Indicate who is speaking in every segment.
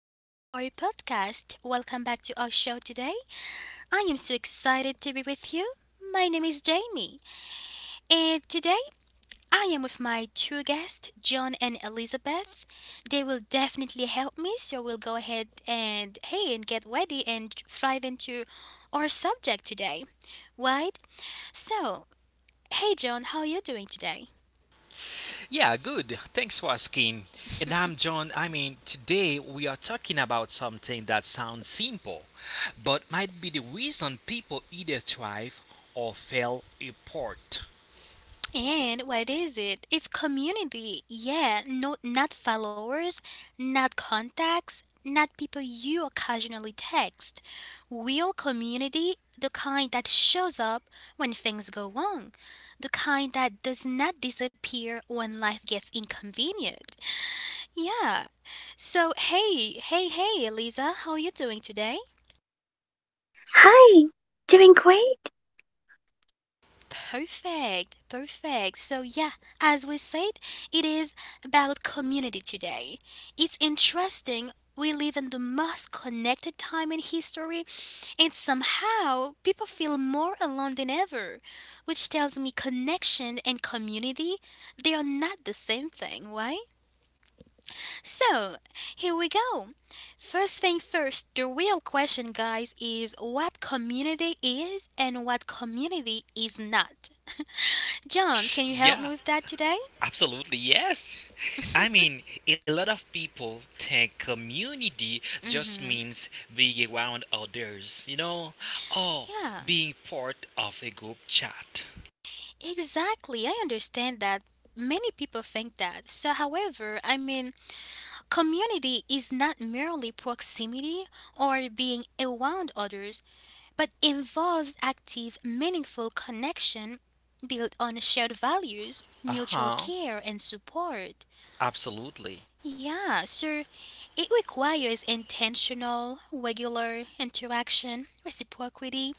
Speaker 1: back to our podcast. Welcome back to our show today. I am so excited to be with you. My name is Jamie, and today I am with my two guests, John and Elizabeth. They will definitely help me, so we'll go ahead and get ready and thrive into our subject today, right? So, John, how are you doing today?
Speaker 2: Yeah, good. Thanks for asking. And I'm John. Today we are talking about something that sounds simple, but might be the reason people either thrive or fail apart.
Speaker 1: And what is it? It's community. Yeah, no, not followers, not contacts, not people you occasionally text. Real community, the kind that shows up when things go wrong, the kind that does not disappear when life gets inconvenient. Yeah. So, Eliza, how are you doing today?
Speaker 3: Hi, doing great.
Speaker 1: Perfect, perfect. So, yeah, as we said, it is about community today. It's interesting. We live in the most connected time in history, and somehow people feel more alone than ever, which tells me connection and community, they are not the same thing, right? So, here we go. First thing first, the real question, guys, is what community is and what community is not. John, can you help
Speaker 2: Yeah,
Speaker 1: me with that today?
Speaker 2: absolutely, yes. I mean, a lot of people think community just
Speaker 1: Mm-hmm.
Speaker 2: means being around others, you know, or
Speaker 1: Yeah,
Speaker 2: being part of a group chat.
Speaker 1: exactly. I understand that many people think that. So, however, I mean, community is not merely proximity or being around others, but involves active, meaningful connection built on shared values,
Speaker 2: Uh
Speaker 1: mutual
Speaker 2: huh,
Speaker 1: care, and support.
Speaker 2: absolutely.
Speaker 1: Yeah, so it requires intentional, regular interaction, reciprocity,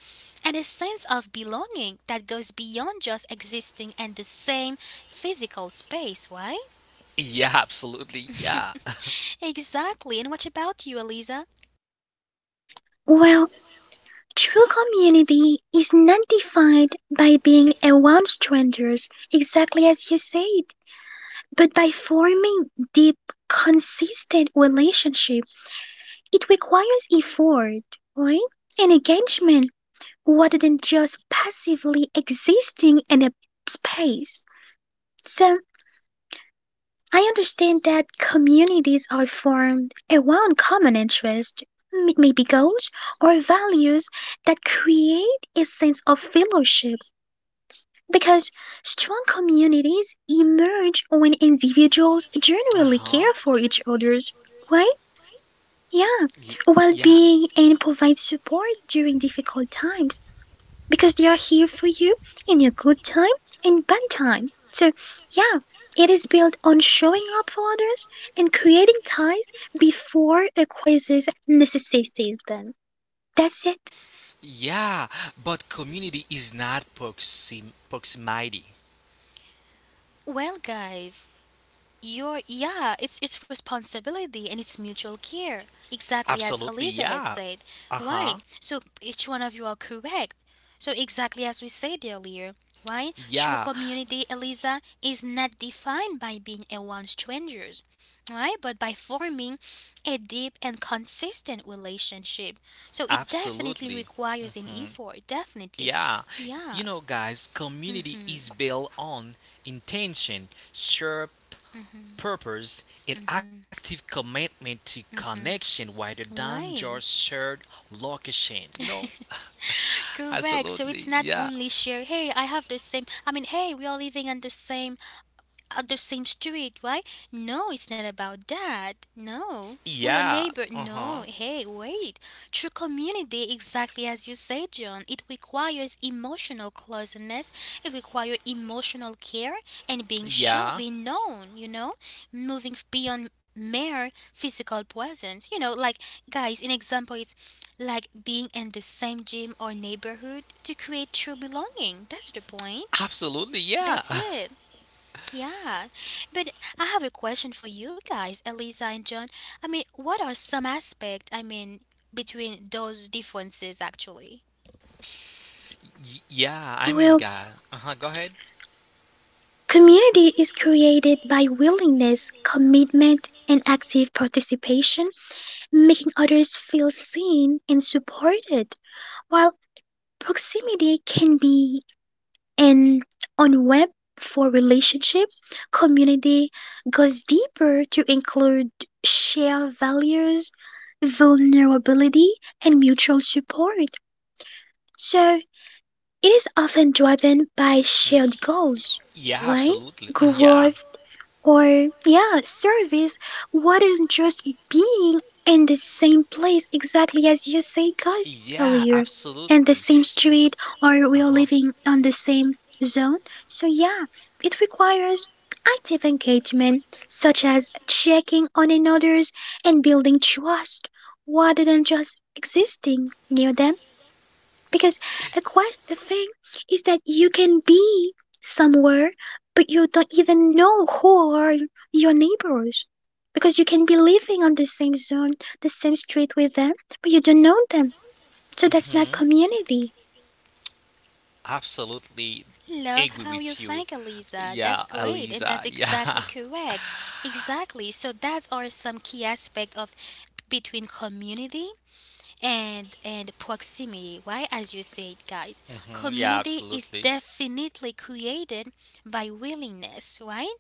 Speaker 1: and a sense of belonging that goes beyond just existing in the same physical space, right?
Speaker 2: Yeah, absolutely, yeah.
Speaker 1: Exactly. And what about you, Eliza?
Speaker 3: Well, true community is not defined by being around strangers, exactly as you said, but by forming deep, consistent relationship. It requires effort, right? And engagement rather than just passively existing in a space. So I understand that communities are formed around common interests, maybe goals or values that create a sense of fellowship because strong communities emerge when individuals
Speaker 2: Uh
Speaker 3: generally
Speaker 2: huh.
Speaker 3: care for each other's, right? Yeah,
Speaker 2: Y-
Speaker 3: well
Speaker 2: yeah.
Speaker 3: being and provide support during difficult times because they are here for you in your good time and bad time. So, yeah, it is built on showing up for others and creating ties before a crisis necessitates them. That's it.
Speaker 2: Yeah, but community is not proximity.
Speaker 1: Well, guys, your yeah, it's responsibility and it's mutual care. Exactly as
Speaker 2: Absolutely, yeah.
Speaker 1: Elizabeth
Speaker 2: Exactly.
Speaker 1: said.
Speaker 2: Uh huh.
Speaker 1: Why? So each one of you are correct. So exactly as we said earlier, why? True
Speaker 2: Yeah,
Speaker 1: community, Eliza, is not defined by being a around strangers, right? But by forming a deep and consistent relationship. So it definitely
Speaker 2: absolutely.
Speaker 1: requires an effort, definitely.
Speaker 2: Yeah, you
Speaker 1: Yeah.
Speaker 2: know, guys, community is
Speaker 1: Mhm.
Speaker 2: built on intention, shared
Speaker 1: Mhm.
Speaker 2: purpose, and
Speaker 1: Mhm.
Speaker 2: active commitment to
Speaker 1: Mhm.
Speaker 2: connection rather than just
Speaker 1: Why?
Speaker 2: shared location. You know?
Speaker 1: Correct. So it's
Speaker 2: Absolutely,
Speaker 1: not
Speaker 2: yeah.
Speaker 1: only share, hey, I have the same, I mean, hey, we are living in the same at the same street, right? No, it's not about that. No. We are
Speaker 2: Yeah.
Speaker 1: neighbor.
Speaker 2: Uh huh.
Speaker 1: No, wait. True community, exactly as you say, John, it requires emotional closeness, it requires emotional care and being shown,
Speaker 2: Yeah.
Speaker 1: being known, you know, moving beyond mere physical presence. You know, like, guys, an example is like being in the same gym or neighborhood to create true belonging. That's the point.
Speaker 2: Absolutely. Yeah.
Speaker 1: That's it. Yeah, but I have a question for you guys, Eliza and John. I mean, what are some aspect, I mean, between those differences actually?
Speaker 2: Yeah.
Speaker 3: Well,
Speaker 2: Guy. Uh huh. Go ahead.
Speaker 3: community is created by willingness, commitment, and active participation, making others feel seen and supported, while proximity can be and on web for relationship, community goes deeper to include shared values, vulnerability, and mutual support. So it is often driven by
Speaker 2: Mm.
Speaker 3: shared
Speaker 2: Y-
Speaker 3: goals,
Speaker 2: Yeah.
Speaker 3: right?
Speaker 2: Absolutely. Mm, yeah.
Speaker 3: Growth or, yeah, service wouldn't just being in the same place exactly as you say, guys, earlier, and the
Speaker 2: Absolutely.
Speaker 3: same street, or we are living on the same zone. So, yeah, it requires active engagement, such as checking on another's and building trust rather than just existing near them because a quite a thing is that you can be somewhere, but you don't even know who are your neighbors. Because you can be living on the same zone, the same street with them, but you don't know them. So that's not
Speaker 2: Mhm.
Speaker 3: community.
Speaker 2: Absolutely
Speaker 1: Love
Speaker 2: agree
Speaker 1: how you
Speaker 2: with you.
Speaker 1: think, Eliza. That's
Speaker 2: Yeah,
Speaker 1: great, and
Speaker 2: Eliza.
Speaker 1: that's exactly
Speaker 2: Yeah.
Speaker 1: correct. Exactly. So that are some key aspect of between community and proximity why as you said guys
Speaker 2: Mhm. Yeah,
Speaker 1: community is
Speaker 2: absolutely.
Speaker 1: definitely created by willingness right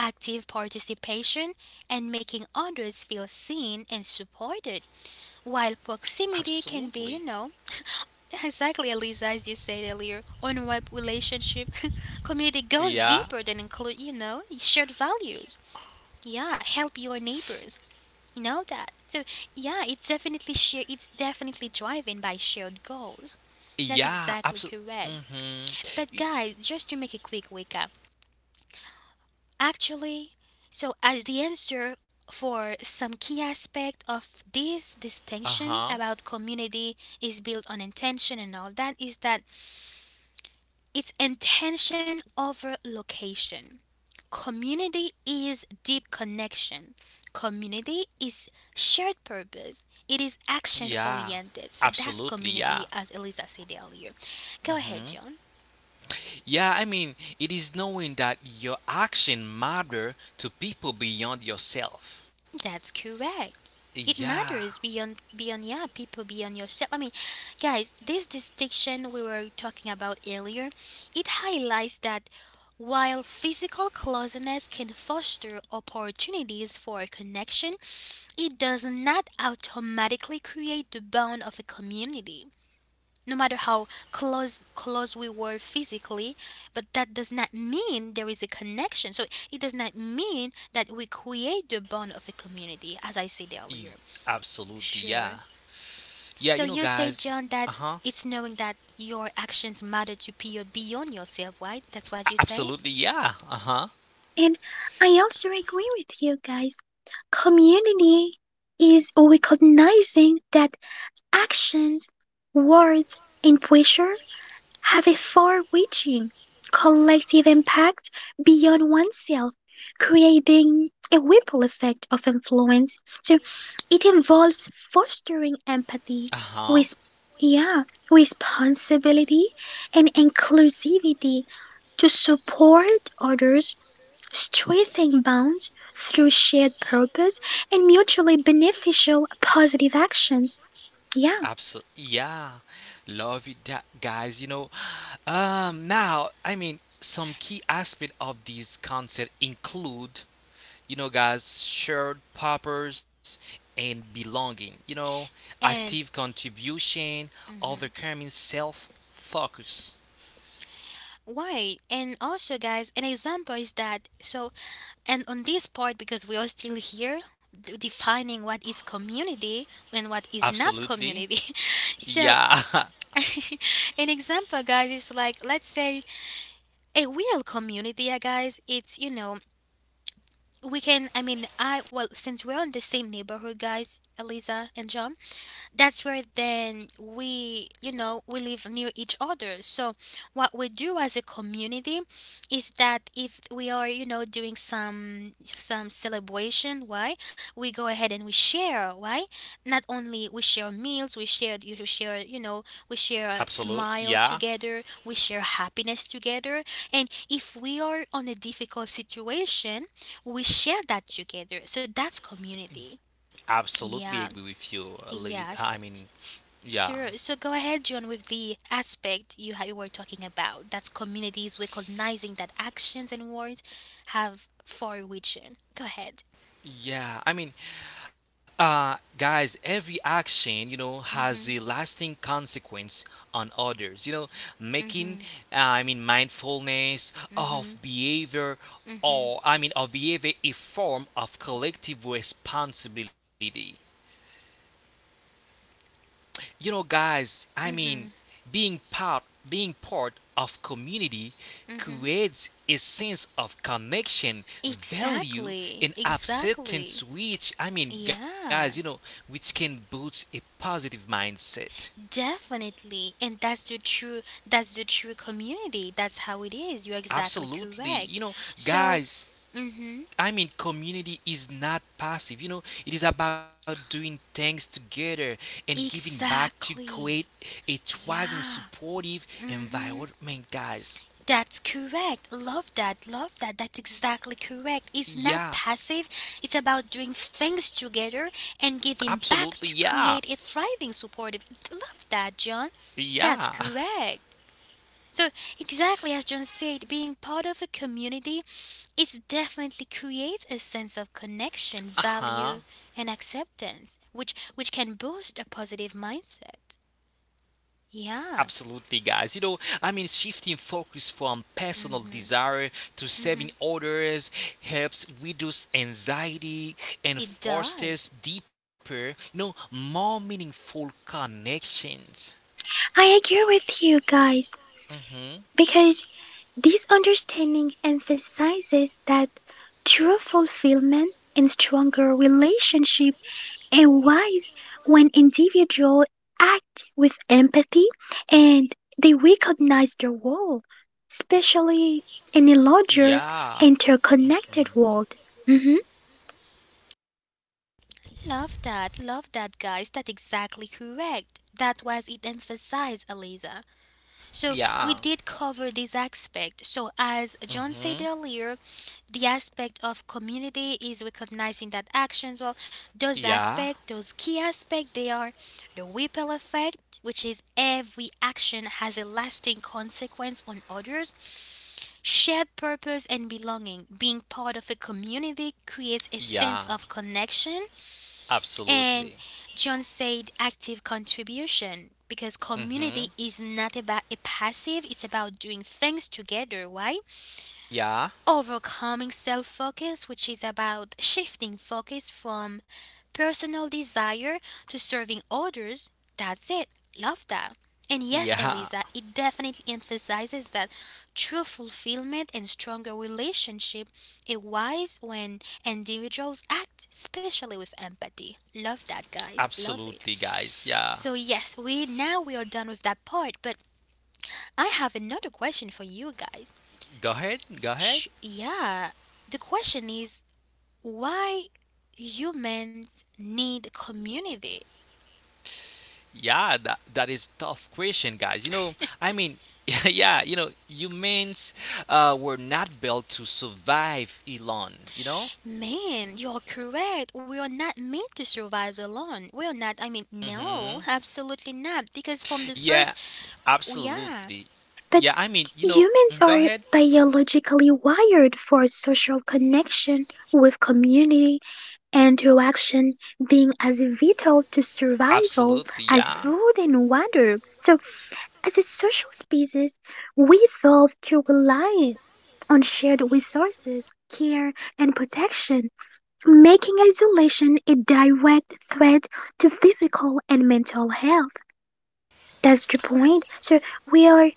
Speaker 1: active participation and making others feel seen and supported while proximity can be
Speaker 2: Absolutely.
Speaker 1: you know exactly Elisa as you said earlier on web relationship community goes
Speaker 2: Yeah.
Speaker 1: deeper than include you know shared values yeah help your neighbors you know that. So yeah, it's definitely driven by shared goals. That's
Speaker 2: Yeah,
Speaker 1: exactly
Speaker 2: absolutely.
Speaker 1: correct. But
Speaker 2: Mm-hmm.
Speaker 1: guys, just to make a quick recap, actually, so as the answer for some key aspect of this distinction
Speaker 2: Uh-huh.
Speaker 1: about community is built on intention and all that is that it's intention over location. Community is deep connection. Community is shared purpose. It is action
Speaker 2: Yeah.
Speaker 1: oriented. So that's
Speaker 2: Absolutely,
Speaker 1: community,
Speaker 2: yeah.
Speaker 1: as Eliza said earlier. Go ahead,
Speaker 2: Hmm.
Speaker 1: John.
Speaker 2: Yeah, it is knowing that your action matter to people beyond yourself.
Speaker 1: That's correct. It
Speaker 2: Yeah.
Speaker 1: matters beyond yeah people beyond yourself. I mean, guys, this distinction we were talking about earlier, it highlights that while physical closeness can foster opportunities for connection, it does not automatically create the bond of a community, no matter how close we were physically, but that does not mean there is a connection. So it does not mean that we create the bond of a community, as I said
Speaker 2: e-
Speaker 1: earlier.
Speaker 2: Absolutely,
Speaker 1: Sure.
Speaker 2: yeah. Yeah,
Speaker 1: So
Speaker 2: you know,
Speaker 1: you say,
Speaker 2: guys.
Speaker 1: John, that
Speaker 2: Uh-huh.
Speaker 1: it's knowing that your actions matter to people beyond yourself, right? That's what you said?
Speaker 2: Absolutely, yeah. Uh-huh.
Speaker 3: And I also agree with you guys. Community is recognizing that actions, words, and pressure have a far reaching collective impact beyond oneself, creating a ripple effect of influence. So it involves fostering empathy,
Speaker 2: Uh-huh.
Speaker 3: with yeah, responsibility and inclusivity to support others, strengthening bonds through shared purpose and mutually beneficial positive actions. Yeah,
Speaker 2: Absolutely. Yeah. Love it, that, guys. You know, now, some key aspect of this concept include, you know, guys, shared purpose and belonging, you know,
Speaker 1: And
Speaker 2: active contribution, overcoming self focus.
Speaker 1: why? And also, guys, an example is that so and on this part, because we are still here defining what is community and what is not
Speaker 2: Absolutely.
Speaker 1: community. So,
Speaker 2: Yeah.
Speaker 1: an example, guys, is like, let's say a real community, guys, it's, you know, we can, I mean, I, well, since we're in the same neighborhood, guys, Eliza and John, that's where then we you know we live near each other so what we do as a community is that if we are you know doing some celebration why we go ahead and we share why not only we share meals we share you know we share a
Speaker 2: Absolutely.
Speaker 1: smile
Speaker 2: Yeah.
Speaker 1: together we share happiness together and if we are on a difficult situation we share that together so that's community
Speaker 2: Absolutely
Speaker 1: yeah
Speaker 2: agree with you, Liz.
Speaker 1: yes.
Speaker 2: Yeah.
Speaker 1: Sure. So go ahead, John, with the aspect you, you were talking about. That's communities recognizing that actions and words have far reaching. Go ahead.
Speaker 2: Yeah, guys, every action, you know, has
Speaker 1: Mhm.
Speaker 2: a lasting consequence on others. You know, making,
Speaker 1: Mhm.
Speaker 2: mindfulness
Speaker 1: Mhm.
Speaker 2: of behavior
Speaker 1: Mhm.
Speaker 2: or, of behavior a form of collective responsibility. You know, guys,
Speaker 1: Mhm.
Speaker 2: being part of community
Speaker 1: Mhm.
Speaker 2: creates a sense of connection, value,
Speaker 1: Exactly.
Speaker 2: and acceptance.
Speaker 1: Exactly.
Speaker 2: Which guys, you know,
Speaker 1: Yeah.
Speaker 2: which can boost a positive mindset.
Speaker 1: Definitely. And that's the true community. That's how it is. You're exactly
Speaker 2: Absolutely, you
Speaker 1: correct.
Speaker 2: know,
Speaker 1: So,
Speaker 2: guys.
Speaker 1: mhm.
Speaker 2: Community is not passive. You know, it is about doing things together and giving back to create
Speaker 1: Exactly.
Speaker 2: a thriving,
Speaker 1: Yeah.
Speaker 2: supportive
Speaker 1: Mhm.
Speaker 2: environment, guys.
Speaker 1: That's correct. Love that. Love that. That's exactly correct. It's not
Speaker 2: Yeah,
Speaker 1: passive. It's about doing things together and giving back
Speaker 2: absolutely,
Speaker 1: to
Speaker 2: yeah.
Speaker 1: create a thriving, supportive. Love that, John. That's
Speaker 2: Yeah.
Speaker 1: correct. So, exactly as John said, being part of a community, it definitely creates a sense of connection, value,
Speaker 2: Uh-huh.
Speaker 1: and acceptance, which can boost a positive mindset. Yeah,
Speaker 2: Absolutely, guys. You know, shifting focus from personal desire to serving others helps reduce anxiety
Speaker 1: it
Speaker 2: and
Speaker 1: does.
Speaker 2: fosters deeper, you know, more meaningful connections.
Speaker 3: I agree with you guys.
Speaker 2: Mm-hmm.
Speaker 3: Because this understanding emphasizes that true fulfillment in stronger relationship arise when individuals act with empathy and they recognize their role, especially in a larger
Speaker 2: Yeah.
Speaker 3: interconnected world. Mhm.
Speaker 1: Love that, guys. That's exactly correct. That was it emphasized, Eliza. So we
Speaker 2: Yeah.
Speaker 1: did cover this aspect. So as John said
Speaker 2: Mm-hmm.
Speaker 1: earlier, the aspect of community is recognizing that actions, well, those
Speaker 2: Yeah.
Speaker 1: aspect, those key aspect, they are the ripple effect, which is every action has a lasting consequence on others, shared purpose and belonging. Being part of a community creates a sense of
Speaker 2: Yeah.
Speaker 1: connection
Speaker 2: Absolutely.
Speaker 1: and John said active contribution because community
Speaker 2: Mm-hmm.
Speaker 1: is not about a passive, it's about doing things together. Why?
Speaker 2: Yeah.
Speaker 1: Overcoming self focus, which is about shifting focus from personal desire to serving others. That's it. Love that. And yes, Eliza,
Speaker 2: Yeah.
Speaker 1: it definitely emphasizes that true fulfillment and stronger relationship arise when individuals act, especially with empathy. Love that, guys. Love it.
Speaker 2: Absolutely, guys. Yeah.
Speaker 1: So yes, we now we are done with that part, but I have another question for you guys.
Speaker 2: Go ahead. Go
Speaker 1: Sh-
Speaker 2: ahead.
Speaker 1: yeah, the question is why humans need community.
Speaker 2: Yeah, that is tough question, guys. You know, I mean, yeah, you know, humans were not built to survive Elon. You know.
Speaker 1: Man, you're correct. We are not made to survive alone. We are not, I mean,
Speaker 2: Hmm.
Speaker 1: no, absolutely not. Because from the
Speaker 2: Yeah,
Speaker 1: first, we are.
Speaker 2: absolutely.
Speaker 3: But
Speaker 2: Yeah, you know,
Speaker 3: humans
Speaker 2: go
Speaker 3: are
Speaker 2: ahead.
Speaker 3: biologically wired for social connection with community interaction being as vital to survival
Speaker 2: Absolutely,
Speaker 3: as
Speaker 2: yeah.
Speaker 3: food and water. So, as a social species, we evolved to rely on shared resources, care, and protection, making isolation a direct threat to physical and mental health. That's the point. So, we are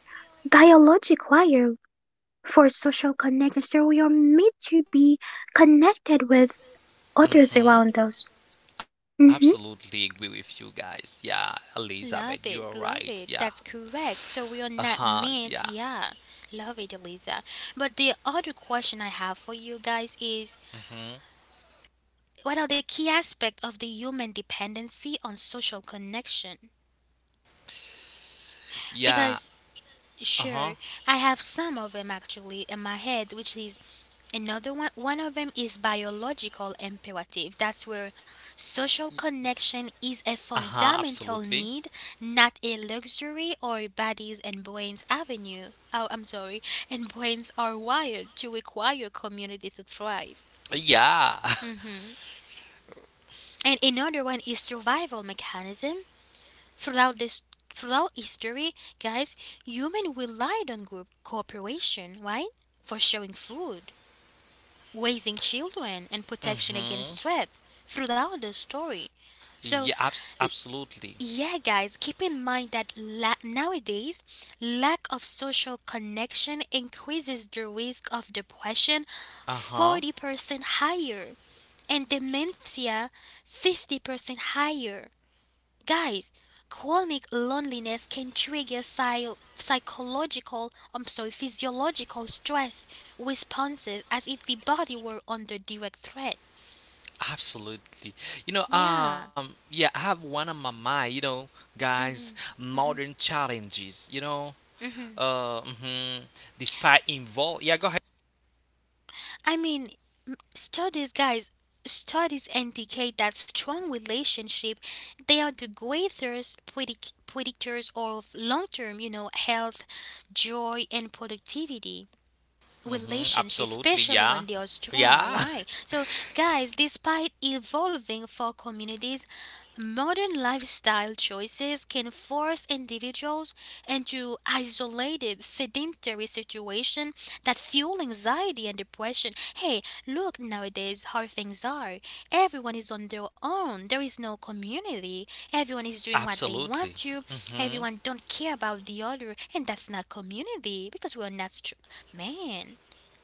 Speaker 3: biologic wire for social connection. So, we are made to be connected with others around
Speaker 2: Hmm.
Speaker 3: us. Mhm.
Speaker 2: Absolutely agree with you guys. Yeah, Elizabeth, you are
Speaker 1: Love it,
Speaker 2: right.
Speaker 1: love
Speaker 2: Yeah.
Speaker 1: it. That's correct. So
Speaker 2: Uh
Speaker 1: we are
Speaker 2: huh.
Speaker 1: not
Speaker 2: Yeah.
Speaker 1: made, yeah. Love it, Elisa. But the other question I have for you guys is
Speaker 2: Hmm.
Speaker 1: what are the key aspects of the human dependency on social connection?
Speaker 2: Yeah.
Speaker 1: Because
Speaker 2: Uh huh.
Speaker 1: sure, I have some of them actually in my head, which is another one. One of them is biological imperative. That's where social connection is
Speaker 2: Uh
Speaker 1: a
Speaker 2: huh. Absolutely.
Speaker 1: fundamental need, not a luxury or bodies and brains avenue. Oh, I'm sorry, and brains are wired to require community to thrive.
Speaker 2: Yeah.
Speaker 1: Hmm. And another one is survival mechanism. Throughout this Throughout history, guys, human relied on group cooperation, right? For sharing food, raising children and protection
Speaker 2: Hmm.
Speaker 1: against threat throughout the story.
Speaker 2: Yeah,
Speaker 1: So,
Speaker 2: absolutely.
Speaker 1: yeah, guys, keep in mind that nowadays, lack of social connection increases the risk of depression
Speaker 2: Uh-huh.
Speaker 1: 40% higher and dementia 50% higher. Guys, chronic loneliness can trigger psychological, I'm sorry, physiological stress responses as if the body were under direct threat.
Speaker 2: Absolutely. You know,
Speaker 1: Yeah.
Speaker 2: yeah, I have one on my mind, you know, guys, modern challenges, you know,
Speaker 1: Hmm.
Speaker 2: uh, mm-hmm, despite involve, yeah, go ahead.
Speaker 1: I mean, studies, guys, studies indicate that strong relationship, they are the greatest predictors of long-term, you know, health, joy, and productivity.
Speaker 2: Mm-hmm,
Speaker 1: Relationship,
Speaker 2: absolutely,
Speaker 1: especially
Speaker 2: yeah.
Speaker 1: when they are strong.
Speaker 2: Yeah,
Speaker 1: Why? So, guys, despite evolving for communities, modern lifestyle choices can force individuals into isolated, sedentary situation that fuel anxiety and depression. Hey, look nowadays how things are. Everyone is on their own. There is no community. Everyone is doing what
Speaker 2: absolutely.
Speaker 1: they want to.
Speaker 2: Mm-hmm.
Speaker 1: Everyone don't care about the other, and that's not community because we're not str- man.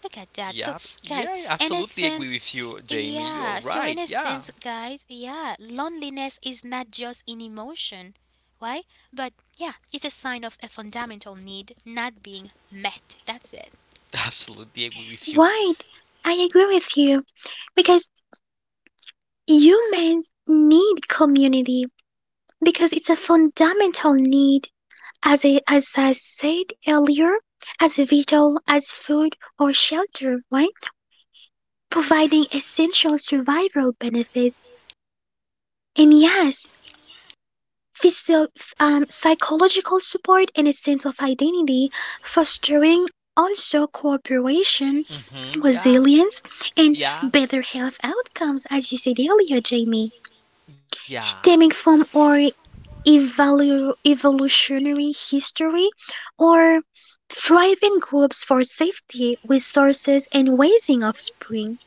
Speaker 1: Look at that.
Speaker 2: Yeah,
Speaker 1: So,
Speaker 2: yeah,
Speaker 1: guys,
Speaker 2: I
Speaker 1: in a
Speaker 2: absolutely agree
Speaker 1: sense,
Speaker 2: with you, Jamie. You're
Speaker 1: yeah. So,
Speaker 2: right.
Speaker 1: in a
Speaker 2: Yeah,
Speaker 1: sense, guys, yeah, loneliness is not just an emotion, right? But yeah, it's a sign of a fundamental need not being met. That's it.
Speaker 2: absolutely agree with you.
Speaker 3: Right, I agree with you because humans need community because it's a fundamental need, as I said earlier, as vital as food or shelter, right? Providing essential survival benefits. And yes, physio- psychological support and a sense of identity, fostering also cooperation,
Speaker 2: Mm-hmm. Yeah,
Speaker 3: resilience, and
Speaker 2: yeah.
Speaker 3: better health outcomes, as you said earlier, Jamie.
Speaker 2: Yeah.
Speaker 3: Stemming from our evolutionary history or thriving groups for safety, resources, and raising offspring.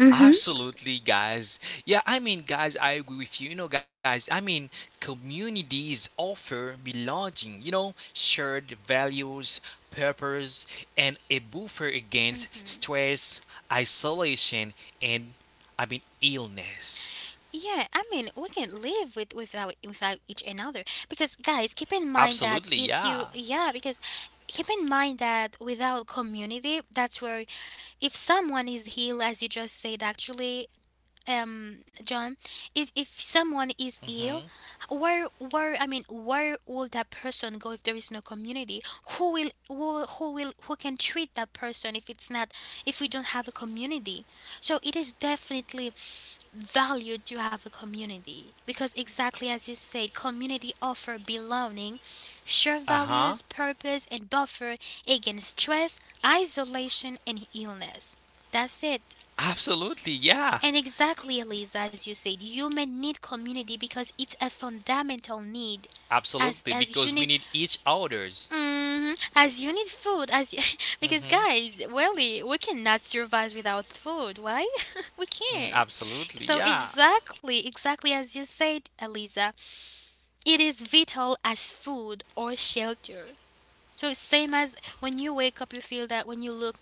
Speaker 3: Mhm.
Speaker 2: Absolutely, guys. Yeah, guys, I agree with you. You know, guys, communities offer belonging, you know, shared values, purpose, and a buffer against
Speaker 1: Mhm.
Speaker 2: stress, isolation, and illness.
Speaker 1: Yeah, I mean, we can live with without each another because guys, keep in mind
Speaker 2: Absolutely,
Speaker 1: that if
Speaker 2: yeah.
Speaker 1: you yeah, because keep in mind that without community, that's where if someone is healed, as you just said, actually, um, John, if
Speaker 2: Mm-hmm.
Speaker 1: someone is ill, where I mean where will that person go if there is no community? Who will who can treat that person if it's not if we don't have a community? So it is definitely valued to have a community because exactly as you said, community offer belonging, share
Speaker 2: Uh huh.
Speaker 1: values, purpose and buffer against stress, isolation and illness. That's it.
Speaker 2: Absolutely, yeah.
Speaker 1: And exactly, Eliza, as you said, human need community because it's a fundamental need.
Speaker 2: Absolutely,
Speaker 1: As
Speaker 2: because
Speaker 1: as
Speaker 2: we
Speaker 1: you
Speaker 2: need
Speaker 1: need,
Speaker 2: each other's.
Speaker 1: Mhm. as you need food, as you, because
Speaker 2: Mm-hmm.
Speaker 1: guys, really, we cannot survive without food, right? We
Speaker 2: Mm,
Speaker 1: can't.
Speaker 2: absolutely.
Speaker 1: So
Speaker 2: Yeah.
Speaker 1: exactly, exactly as you said, Eliza, it is vital as food or shelter. So same as when you wake up, you feel that when you look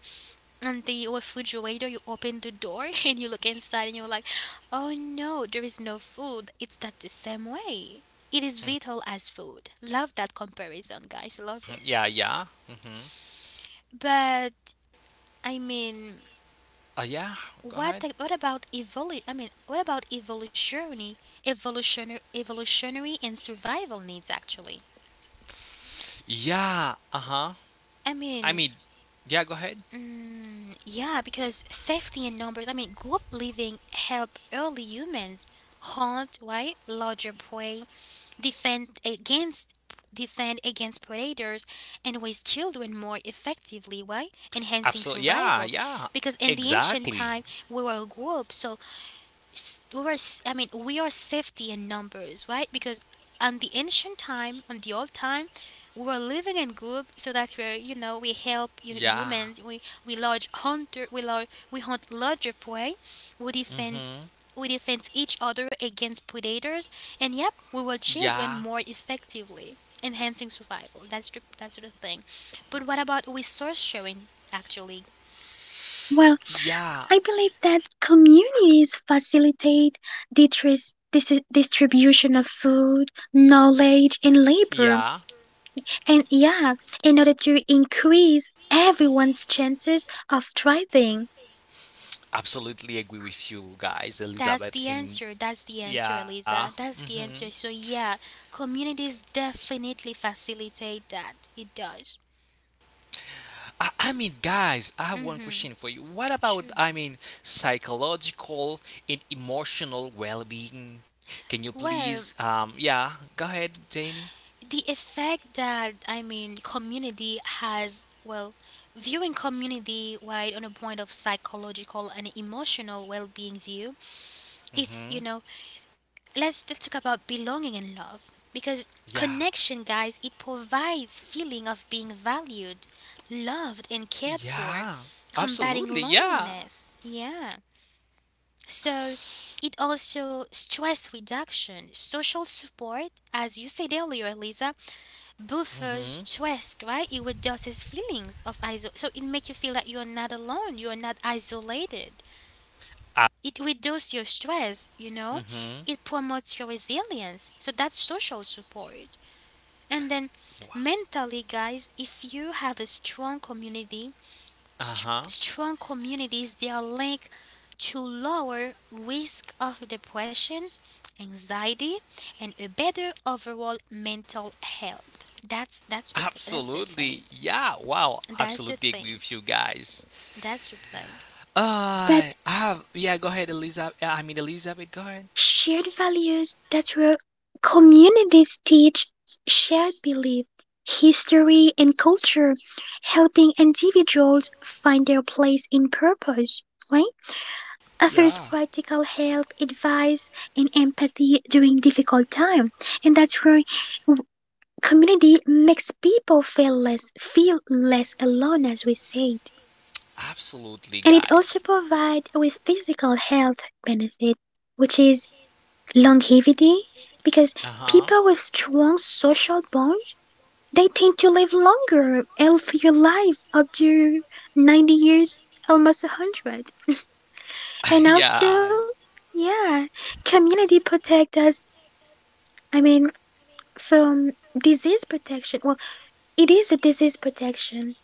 Speaker 1: and the refrigerator you open the door and you look inside and you're like oh no, there is no food. It's that the same way it is vital as food. Love that comparison, guys. Love
Speaker 2: Mm,
Speaker 1: it.
Speaker 2: yeah. Yeah. Mm-hmm.
Speaker 1: But i mean
Speaker 2: Yeah. Go
Speaker 1: what
Speaker 2: ahead.
Speaker 1: what about evolu- i mean what about evolutionary evolutionary and survival needs actually.
Speaker 2: Yeah. Uh huh.
Speaker 1: i
Speaker 2: I mean,
Speaker 1: mean
Speaker 2: yeah. Go ahead.
Speaker 1: yeah, because safety in numbers, I mean group living help early humans hunt, right, larger prey, defend against defend against predators, and raise children more effectively, why, enhancing
Speaker 2: Absolutely. Yeah.
Speaker 1: survival.
Speaker 2: Yeah.
Speaker 1: Because in the ancient
Speaker 2: Exactly.
Speaker 1: time we were a group. So s- we are s- I mean we are safety in numbers, right? Because on the ancient time, on the old time, we were living in group, so that's where you know we help you know,
Speaker 2: Yeah.
Speaker 1: humans. We large hunter, we large we hunt larger prey, we defend
Speaker 2: Mm-hmm.
Speaker 1: we defend each other against predators, and yep, we were
Speaker 2: Yeah.
Speaker 1: children more effectively, enhancing survival. That's the thing. But what about resource sharing? Actually,
Speaker 3: Well,
Speaker 2: Yeah.
Speaker 3: I believe that communities facilitate the distribution of food, knowledge, and labor,
Speaker 2: Yeah.
Speaker 3: and yeah, in order to increase everyone's chances of thriving.
Speaker 2: Absolutely agree with you guys,
Speaker 1: that's the
Speaker 2: Elizabeth. And
Speaker 1: answer. That's the answer,
Speaker 2: yeah.
Speaker 1: Eliza. That's the
Speaker 2: Mm-hmm.
Speaker 1: answer. So yeah, communities definitely facilitate that. It does.
Speaker 2: I mean, guys, I have one
Speaker 1: Mhm.
Speaker 2: question for you. What about,
Speaker 1: Sure.
Speaker 2: psychological and emotional well-being? Can you
Speaker 1: Well,
Speaker 2: please, yeah, go ahead, Jamie.
Speaker 1: the effect that I mean community has, well, viewing community wide on a point of psychological and emotional well-being view, it's you
Speaker 2: Mm-hmm.
Speaker 1: know let's talk about belonging and love because
Speaker 2: Yeah.
Speaker 1: connection, guys, it provides feeling of being valued, loved and cared for,
Speaker 2: Yeah.
Speaker 1: combating
Speaker 2: Absolutely. Yeah.
Speaker 1: loneliness, yeah. So it also stress reduction, social support, as you said earlier, Lisa, buffers
Speaker 2: Mm-hmm.
Speaker 1: stress, right? It reduces feelings of iso-, so it makes you feel that you are not alone, you are not isolated,
Speaker 2: Uh,
Speaker 1: it reduces your stress, you know,
Speaker 2: mm-hmm.
Speaker 1: it promotes your resilience. So that's social support. And then mentally, guys, if you have a strong community, st-
Speaker 2: Uh-huh.
Speaker 1: strong communities, they are linked to lower risk of depression, anxiety, and a better overall mental health. That's the
Speaker 2: Absolutely.
Speaker 1: thing.
Speaker 2: Yeah. Wow.
Speaker 1: That's the
Speaker 2: Absolutely agree
Speaker 1: thing.
Speaker 2: with you guys.
Speaker 1: That's the thing.
Speaker 3: But
Speaker 2: I have, yeah, go ahead, Elizabeth. Elizabeth, go ahead.
Speaker 3: Shared values that were communities teach shared belief, history, and culture, helping individuals find their place in purpose, right? Others
Speaker 2: Yeah.
Speaker 3: practical help, advice, and empathy during difficult time, and that's where w- community makes people feel less alone, as we said.
Speaker 2: Absolutely,
Speaker 3: And it also
Speaker 2: guys.
Speaker 3: provides with physical health benefit, which is longevity,
Speaker 2: Uh
Speaker 3: because
Speaker 2: huh.
Speaker 3: people with strong social bonds, they tend to live longer, healthier lives up to 90 years, almost 100. And also,
Speaker 2: yeah. Also,
Speaker 3: yeah, community protect us, I mean, from disease protection. Well, it is a disease protection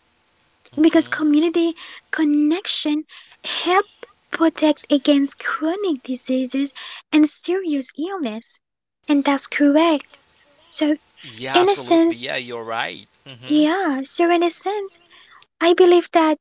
Speaker 3: because
Speaker 2: hmm.
Speaker 3: community connection help protect against chronic diseases and serious illness. And that's correct. So
Speaker 2: Yeah,
Speaker 3: in
Speaker 2: absolutely.
Speaker 3: a
Speaker 2: Yeah, you're
Speaker 3: sense,
Speaker 2: right. Mm-hmm.
Speaker 3: yeah. So, in a sense, I believe that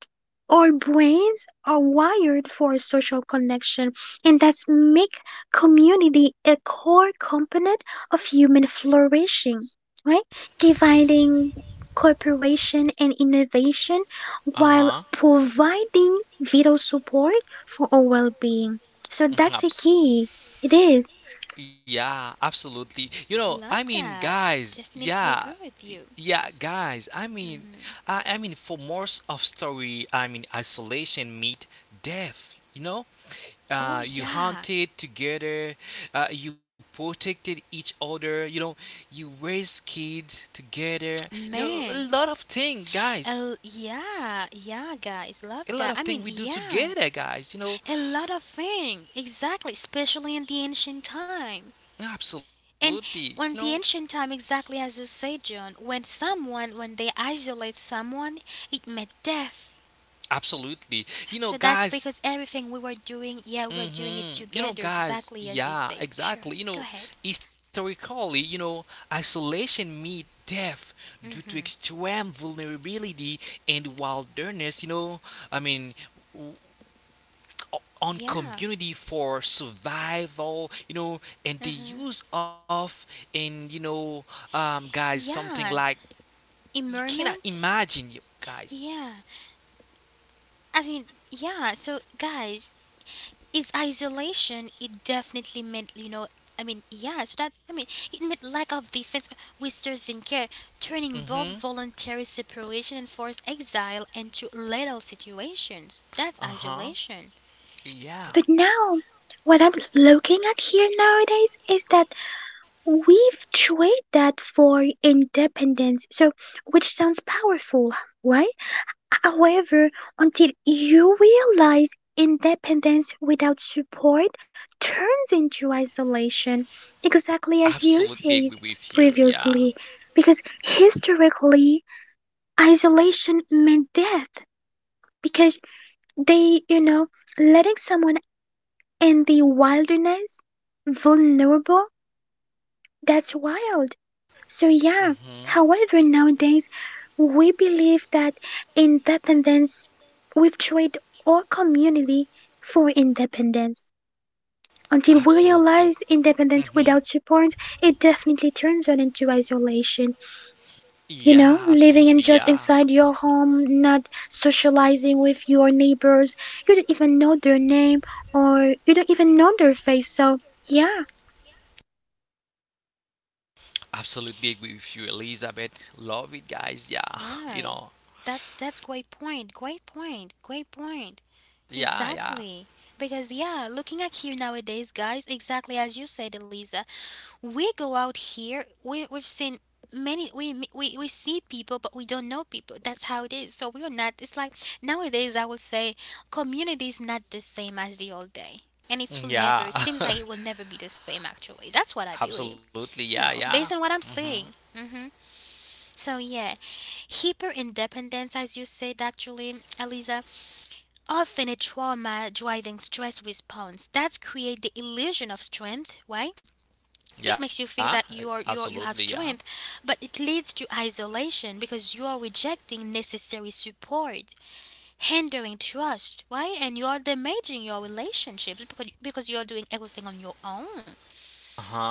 Speaker 3: our brains are wired for social connection, and that's make community a core component of human flourishing, right? Dividing cooperation and innovation while
Speaker 2: Uh-huh.
Speaker 3: providing vital support for our well-being. So
Speaker 2: Mhm,
Speaker 3: that's a key. It is.
Speaker 2: yeah, absolutely. You know,
Speaker 1: Love that.
Speaker 2: guys, yeah,
Speaker 1: Definitely agree with you.
Speaker 2: yeah, guys.
Speaker 1: Mm.
Speaker 2: For most of story, isolation meet death. You know,
Speaker 1: Oh
Speaker 2: you
Speaker 1: yeah,
Speaker 2: hunted together, you protected each other. You know, you raised kids together. You know, a
Speaker 1: man,
Speaker 2: lot of thing, guys.
Speaker 1: oh yeah, yeah, guys, love
Speaker 2: A lot
Speaker 1: that.
Speaker 2: of
Speaker 1: I mean,
Speaker 2: thing we do
Speaker 1: yeah,
Speaker 2: together, guys. You know,
Speaker 1: a lot of thing, exactly, especially in the ancient time. And
Speaker 2: absolutely. You know,
Speaker 1: when the ancient time, exactly as you said, John, when someone, when they isolate someone, it meant death.
Speaker 2: absolutely. You know,
Speaker 1: So that's
Speaker 2: guys.
Speaker 1: because everything we were doing, yeah, we were doing it
Speaker 2: Mm-hmm. You know,
Speaker 1: together,
Speaker 2: guys,
Speaker 1: exactly as you
Speaker 2: yeah,
Speaker 1: said. Sure,
Speaker 2: exactly. You
Speaker 1: go
Speaker 2: know,
Speaker 1: ahead.
Speaker 2: historically, you know, isolation means death due to
Speaker 1: Mm-hmm.
Speaker 2: extreme vulnerability and wilderness, you know, I mean, w- on
Speaker 1: Yeah.
Speaker 2: community for survival, you know, and the
Speaker 1: Mm-hmm.
Speaker 2: use of, and, you know, guys, something like,
Speaker 1: Yeah.
Speaker 2: you cannot
Speaker 1: Immerment.
Speaker 2: imagine, you guys.
Speaker 1: Yeah. Yeah. So, guys, is isolation it definitely meant you know I mean yeah so that I mean it meant lack of defense, whisters in care, turning
Speaker 2: Mm-hmm.
Speaker 1: both voluntary separation and forced exile into lethal situations. That's
Speaker 2: Uh-huh.
Speaker 1: isolation.
Speaker 2: Yeah.
Speaker 3: But now, what I'm looking at here nowadays is that we've traded that for independence, so which sounds powerful, right? However, until you realize independence without support turns into isolation, exactly as
Speaker 2: Absolutely
Speaker 3: you
Speaker 2: agree
Speaker 3: said
Speaker 2: with you. Yeah.
Speaker 3: previously, because historically, isolation meant death, because they, you know, letting someone in the wilderness vulnerable, that's wild. So, yeah,
Speaker 2: Mm-hmm.
Speaker 3: however, nowadays we believe that independence, we've traded our community for independence. Until we
Speaker 2: Absolutely.
Speaker 3: realize independence
Speaker 2: Hmm.
Speaker 3: without support, it definitely turns on into isolation.
Speaker 2: Yeah,
Speaker 3: You know,
Speaker 2: absolutely.
Speaker 3: living
Speaker 2: Yeah.
Speaker 3: in just inside your home, not socializing with your neighbors, you don't even know their name or you don't even know their face. So, yeah,
Speaker 2: Absolutely agree with you, Elizabeth. Love it, guys. Yeah. You know.
Speaker 1: Why? That's great point. Great point. Great point.
Speaker 2: Yeah, yeah.
Speaker 1: Exactly. Because yeah, looking at here nowadays, guys, exactly as you said, Eliza, we go out here. We we've seen many. We we see people, but we don't know people. That's how it is. So we are not. It's like nowadays, I would say, community is not the same as the old day. And it
Speaker 2: Mm,
Speaker 1: will never,
Speaker 2: yeah.
Speaker 1: it seems like it will never be the same actually. That's what I believe,
Speaker 2: absolutely.
Speaker 1: you
Speaker 2: Yeah,
Speaker 1: know, based
Speaker 2: yeah.
Speaker 1: on what I'm
Speaker 2: Hmm.
Speaker 1: seeing. Mm-hmm. So yeah, hyper independence, as you said, actually, Eliza, often a trauma driving stress response. That's create the illusion of strength. Why? It makes you feel
Speaker 2: Yeah.
Speaker 1: that
Speaker 2: Uh,
Speaker 1: you are, you have
Speaker 2: absolutely. Yeah.
Speaker 1: strength, but it leads to isolation because you are rejecting necessary support, hindering trust. Why? And you are damaging your relationships because you are doing everything on your own.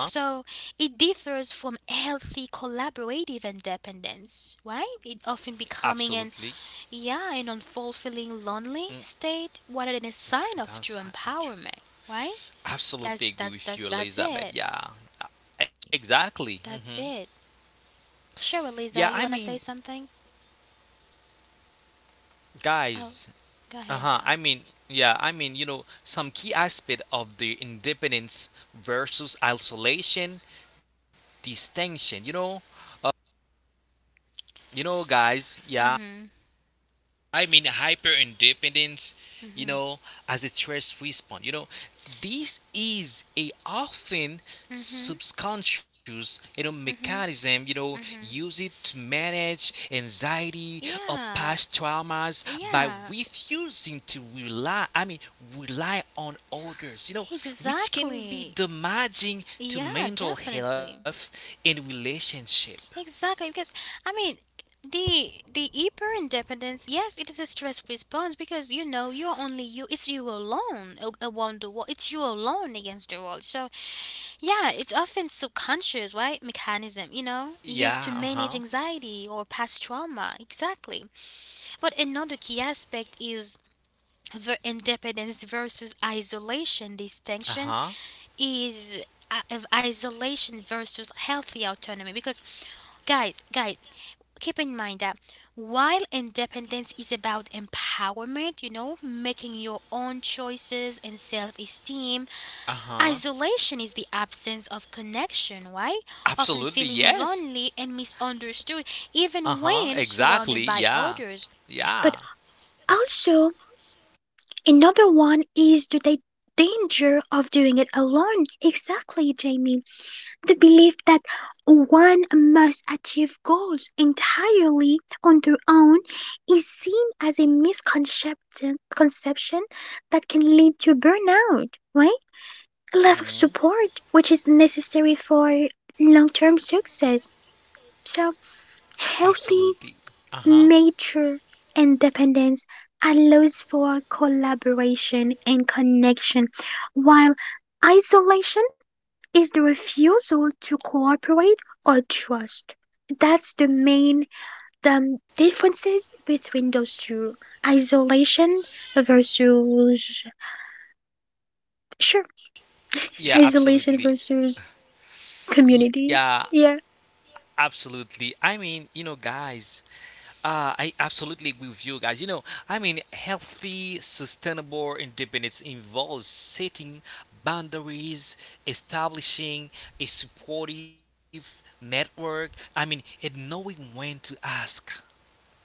Speaker 2: Uh huh.
Speaker 1: it differs from healthy collaborative independence, right? It often becoming an
Speaker 2: Absolutely.
Speaker 1: yeah, an unfulfilling lonely state rather than a sign of true empowerment, right? That's
Speaker 2: Absolutely agree
Speaker 1: that's
Speaker 2: with
Speaker 1: that's
Speaker 2: you,
Speaker 1: that's it.
Speaker 2: Elizabeth. Yeah, uh, exactly. Hmm.
Speaker 1: That's it. Sure,
Speaker 2: Yeah,
Speaker 1: Lisa, you wanna say something? Oh,
Speaker 2: guys.
Speaker 1: go
Speaker 2: Uh
Speaker 1: ahead,
Speaker 2: huh.
Speaker 1: John.
Speaker 2: Yeah. You know, some key aspect of the independence versus isolation distinction. Uh, you know, guys. Yeah,
Speaker 1: Mhm.
Speaker 2: hyper independence, you
Speaker 1: Mhm.
Speaker 2: know, as a stress response. You know, this is a often
Speaker 1: Mhm.
Speaker 2: subconscious, you know,
Speaker 1: Mhm.
Speaker 2: mechanism, you know,
Speaker 1: Mhm.
Speaker 2: use it to manage anxiety or
Speaker 1: Yeah.
Speaker 2: past traumas by
Speaker 1: Yeah.
Speaker 2: refusing to rely I mean rely on others, you know, which can be
Speaker 1: Exactly.
Speaker 2: damaging to
Speaker 1: Yeah,
Speaker 2: mental
Speaker 1: definitely.
Speaker 2: health and relationship.
Speaker 1: Exactly, because I mean the hyper independence. Yes, it is a stress response because you know you're only you. It's you alone a- around the world. It's you alone against the world. So yeah, it's often subconscious, right? Mechanism, you know,
Speaker 2: Yeah,
Speaker 1: used to
Speaker 2: uh-huh.
Speaker 1: manage anxiety or past trauma. Exactly. But another key aspect is the independence versus isolation distinction
Speaker 2: Uh-huh.
Speaker 1: is of isolation versus healthy autonomy. Because guys, keep in mind that while independence is about empowerment, you know, making your own choices and self esteem,
Speaker 2: Uh-huh.
Speaker 1: isolation is the absence of connection, right? Often
Speaker 2: Absolutely,
Speaker 1: feeling
Speaker 2: yes.
Speaker 1: lonely and misunderstood, even
Speaker 2: Uh-huh.
Speaker 1: when surrounded
Speaker 2: Exactly.
Speaker 1: by
Speaker 2: Yeah.
Speaker 1: others.
Speaker 3: but
Speaker 2: Yeah.
Speaker 3: also another one is the danger of doing it alone. Exactly, Jamie. The belief that one must achieve goals entirely on their own is seen as a misconception conception that can lead to burnout, right? A lack of
Speaker 2: Hmm.
Speaker 3: support, which is necessary for long term success. So, healthy
Speaker 2: Absolutely. Uh-huh.
Speaker 3: nature and dependence allows for collaboration and connection, while isolation is the refusal to cooperate or trust. That's the differences between those two. Isolation versus sure,
Speaker 2: Yeah,
Speaker 3: isolation
Speaker 2: absolutely.
Speaker 3: versus community.
Speaker 2: Yeah,
Speaker 3: Yeah.
Speaker 2: absolutely. You know, guys, I absolutely agree with you guys. You know, healthy, sustainable independence involves setting boundaries, establishing a supportive network. And knowing when to ask.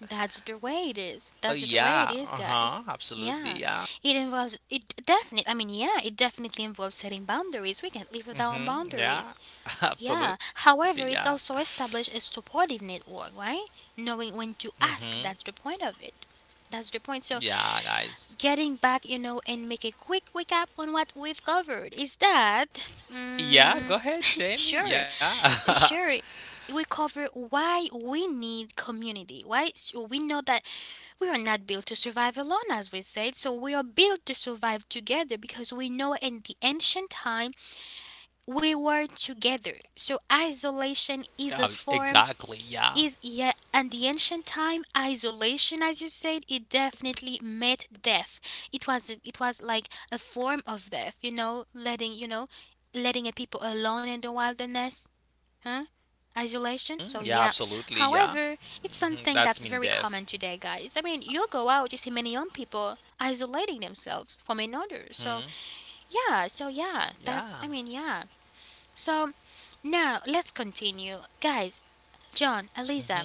Speaker 1: That's the way it is. That's the way
Speaker 2: Yeah,
Speaker 1: it is,
Speaker 2: uh
Speaker 1: guys.
Speaker 2: huh,
Speaker 1: Yeah,
Speaker 2: absolutely, yeah.
Speaker 1: it involves it definitely. I mean, yeah, it definitely involves setting boundaries. We can't live without
Speaker 2: Mm-hmm.
Speaker 1: boundaries.
Speaker 2: Yeah.
Speaker 1: Yeah.
Speaker 2: Absolutely. Yeah.
Speaker 1: However, it's also established a supportive network, right? Knowing when to
Speaker 2: Mm-hmm.
Speaker 1: ask, that's the point of it. That's the point.
Speaker 2: Yeah,
Speaker 1: So,
Speaker 2: guys.
Speaker 1: getting back, you know, and make a quick recap on what we've covered is that,
Speaker 2: Yeah. Go
Speaker 1: mm,
Speaker 2: ahead, Jamie.
Speaker 1: sure,
Speaker 2: Yeah.
Speaker 1: sure, we cover why we need community, right? So we know that we are not built to survive alone, as we said. So we are built to survive together because we know in the ancient times we were together. So isolation is
Speaker 2: yeah
Speaker 1: a form
Speaker 2: exactly. Yeah.
Speaker 1: is yeah, and the ancient time isolation as you said it definitely meant death. It was like a form of death, you know, letting a people alone in the wilderness. Huh? Isolation?
Speaker 2: Mm,
Speaker 1: So
Speaker 2: yeah.
Speaker 1: yeah.
Speaker 2: Absolutely. Yeah.
Speaker 1: However, it's
Speaker 2: Mm-hmm.
Speaker 1: something
Speaker 2: That's
Speaker 1: that's
Speaker 2: mean
Speaker 1: very
Speaker 2: death.
Speaker 1: common today, guys. I mean, you go out, you see many young people isolating themselves from another. So
Speaker 2: Hmm.
Speaker 1: yeah,
Speaker 2: Yeah.
Speaker 1: So now let's continue. Guys, John,
Speaker 2: Mm-hmm.
Speaker 1: Eliza,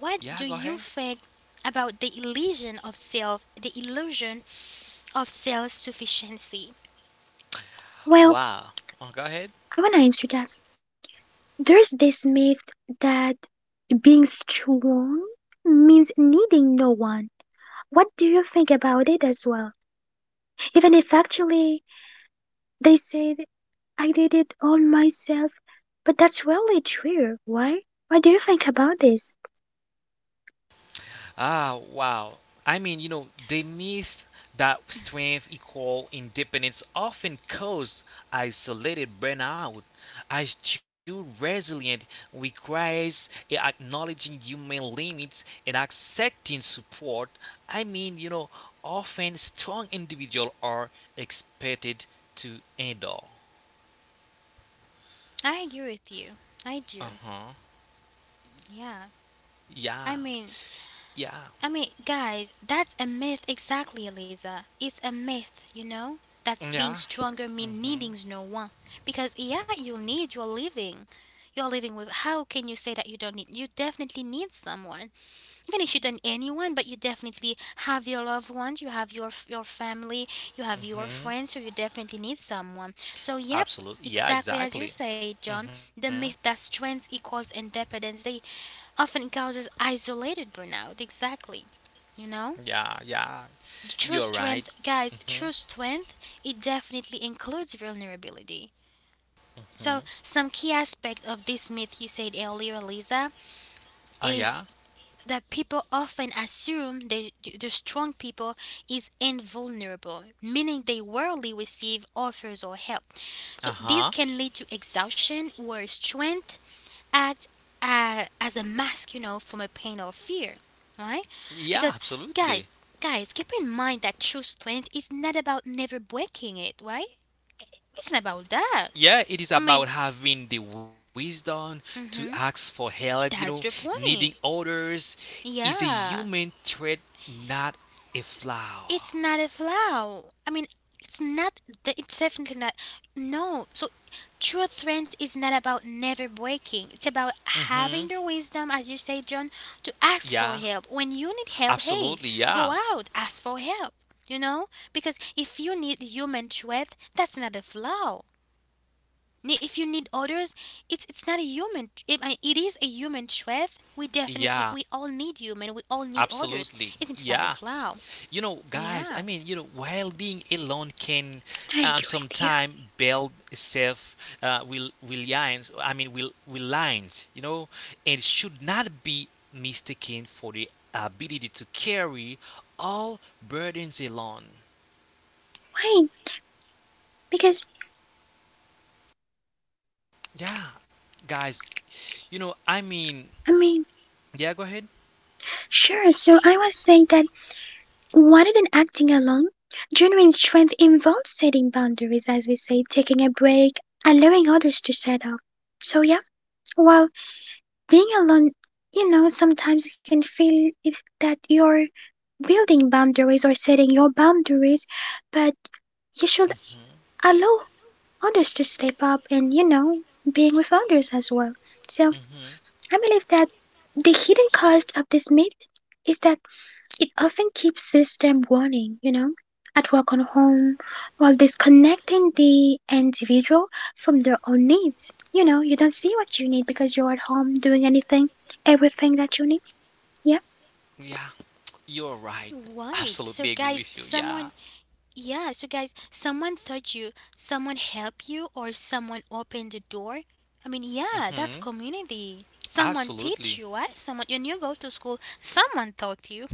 Speaker 2: Yeah. Go
Speaker 1: do
Speaker 2: ahead.
Speaker 1: you think about the illusion of self sufficiency?
Speaker 3: Well,
Speaker 2: Wow. Oh, go ahead.
Speaker 3: I wanna answer that. There's this myth that being strong means needing no one. What do you think about it as well? Even if actually they said I did it all myself, but that's really true. Why? What do you think about this?
Speaker 2: Ah, wow. You know, the myth that strength equal independence often causes isolated burnout. As true resilience requires acknowledging human limits and accepting support. You know, often strong individuals are expected to endure.
Speaker 1: I agree with you.
Speaker 2: Uh
Speaker 1: I do.
Speaker 2: huh.
Speaker 1: Yeah.
Speaker 2: Yeah.
Speaker 1: I mean
Speaker 2: Yeah.
Speaker 1: I mean, guys, that's a myth exactly, Eliza. It's a myth, you know? That's being
Speaker 2: Yeah.
Speaker 1: stronger mean
Speaker 2: Mm-hmm.
Speaker 1: needing no one. Because yeah, you need your living. You're living with how can you say that you don't need you definitely need someone, even if you don't anyone, but you definitely have your loved ones, you have your family, you have your
Speaker 2: Mm-hmm.
Speaker 1: friends, so you definitely need someone, so yep,
Speaker 2: Absolutely. Yeah,
Speaker 1: exactly as you
Speaker 2: exactly.
Speaker 1: say, John,
Speaker 2: Mm-hmm.
Speaker 1: the myth that strength equals independence they often causes isolated burnout, exactly, you know,
Speaker 2: Yeah,
Speaker 1: the
Speaker 2: you're
Speaker 1: true
Speaker 2: right.
Speaker 1: strength,
Speaker 2: Mm-hmm.
Speaker 1: guys, true strength, it definitely includes vulnerability.
Speaker 2: Hmm.
Speaker 1: So some key aspect of this myth you said earlier, Lisa,
Speaker 2: Yeah.
Speaker 1: is that people often assume the strong people is invulnerable, meaning they rarely receive offers or help.
Speaker 2: Uh
Speaker 1: So this
Speaker 2: huh.
Speaker 1: can lead to exhaustion where strength acts as a mask, you know, from a pain or fear, right?
Speaker 2: Yeah,
Speaker 1: Because
Speaker 2: absolutely.
Speaker 1: guys, guys, keep in mind that true strength is not about never breaking it, right? It's not about that.
Speaker 2: Yeah, it is
Speaker 1: I mean,
Speaker 2: about having the wisdom to ask
Speaker 1: hmm,
Speaker 2: for help. You know,
Speaker 1: that's the
Speaker 2: needing
Speaker 1: point.
Speaker 2: others is a human
Speaker 1: Yeah.
Speaker 2: trait, not a flaw.
Speaker 1: It's not a flaw. I mean, it's not. De- It's definitely not. No. So, true strength is not about never breaking. It's about
Speaker 2: Mm hmm.
Speaker 1: having the wisdom, as you say, John, to ask
Speaker 2: Yeah,
Speaker 1: for help. When you need help,
Speaker 2: absolutely.
Speaker 1: hey,
Speaker 2: Yeah.
Speaker 1: go out, ask for help. You know, because if you need human strength, that's not a flaw. Ne- If you need others, it's not a human. It is a human strength. We definitely,
Speaker 2: Yeah,
Speaker 1: we all need human. We all need others.
Speaker 2: absolutely.
Speaker 1: It's not a
Speaker 2: Yeah.
Speaker 1: flaw.
Speaker 2: You know, guys,
Speaker 1: Yeah.
Speaker 2: while being alone can
Speaker 3: I agree with you.
Speaker 2: sometime build self will reliance, you know, and should not be mistaken for the ability to carry all burdens alone.
Speaker 3: Why? Because,
Speaker 2: Yeah, guys, you know,
Speaker 3: I mean,
Speaker 2: yeah, go ahead.
Speaker 3: sure, so I was saying that rather than acting alone, genuine strength involves setting boundaries, as we say, taking a break, allowing others to set up. So, yeah, well, being alone, you know, sometimes you can feel it, that you're building boundaries or setting your boundaries, but you should allow others to step up and, you know, being with others as well. So
Speaker 2: Hmm.
Speaker 3: I believe that the hidden cost of this myth is that it often keeps system running, you know, at work or home, while disconnecting the individual from their own needs. You know, you don't see what you need because you're at home doing anything, everything that you need. Yeah,
Speaker 2: Yeah, you're right.
Speaker 1: Right. So
Speaker 2: Absolutely agree
Speaker 1: guys,
Speaker 2: with you. Yeah.
Speaker 1: someone yeah, so guys, someone thought you, someone help you or someone opened the door. I mean, yeah, that's
Speaker 2: Hmm.
Speaker 1: community. Someone
Speaker 2: Absolutely.
Speaker 1: teach you, right? Someone when you go to school, someone taught you.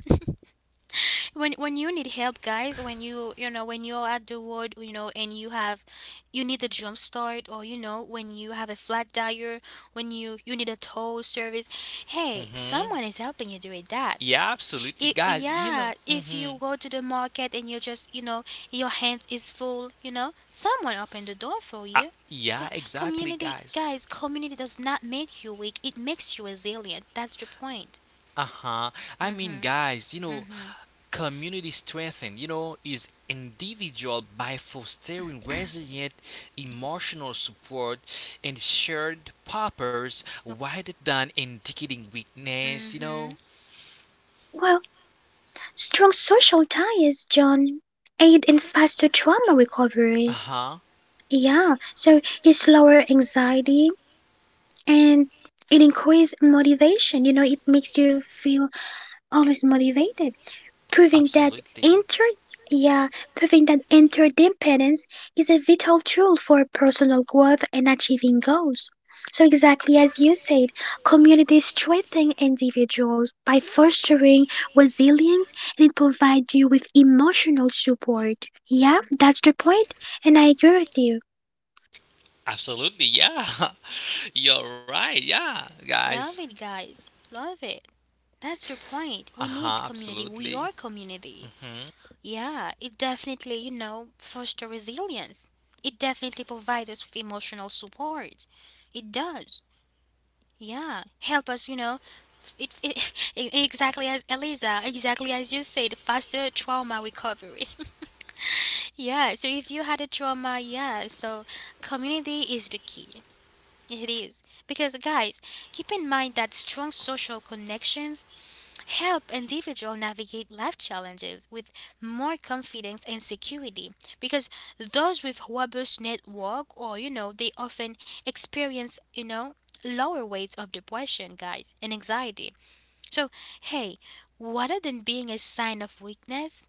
Speaker 1: When you need help, guys, when you know, when you're at the road, you know, and you have you need a jump start, or you know, when you have a flat tire, when you need a tow service, hey,
Speaker 2: Hmm.
Speaker 1: someone is helping you do it that
Speaker 2: Yeah, absolutely,
Speaker 1: it,
Speaker 2: guys. You know.
Speaker 1: yeah, if
Speaker 2: Hmm.
Speaker 1: you go to the market and you're just, you know, your hand is full, you know, someone open the door for
Speaker 2: Uh,
Speaker 1: you.
Speaker 2: yeah,
Speaker 1: Co-
Speaker 2: exactly,
Speaker 1: Community,
Speaker 2: guys.
Speaker 1: guys, community does not make you weak, it makes you resilient. That's the point.
Speaker 2: Uh huh. Guys, you know,
Speaker 1: Mm-hmm.
Speaker 2: community strengthening, you know, is individual by fostering resilient emotional support and shared purpose rather than indicating weakness, you
Speaker 1: Mm-hmm.
Speaker 2: know.
Speaker 3: well, strong social ties, John, aid in faster trauma
Speaker 2: Uh
Speaker 3: recovery.
Speaker 2: huh.
Speaker 3: Yeah, so it's lower anxiety and it increases motivation. You know, it makes you feel always motivated, proving
Speaker 2: Absolutely.
Speaker 3: inter yeah, proving that interdependence is a vital tool for personal growth and achieving goals. So exactly as you said, communities strengthen individuals by fostering resilience and it provides you with emotional support. Yeah, that's the point, and I agree with you.
Speaker 2: Absolutely. Yeah. You're right. Yeah, guys.
Speaker 1: Love it, guys. Love it. That's the point.
Speaker 2: Uh
Speaker 1: We
Speaker 2: huh.
Speaker 1: need community. We
Speaker 2: Absolutely.
Speaker 1: are
Speaker 2: Mm
Speaker 1: community.
Speaker 2: hmm.
Speaker 1: Yeah, it definitely, you know, foster resilience. It definitely provides us with emotional support. It does. Yeah, help us, you know. It, it, exactly as Eliza, exactly as you said, faster trauma recovery. Yeah, so if you had a trauma, yeah, so community is the key. It is. Because, guys, keep in mind that strong social connections help individuals navigate life challenges with more confidence and security because those with robust network or they often experience lower rates of depression, guys, and anxiety. So hey, rather than being a sign of weakness,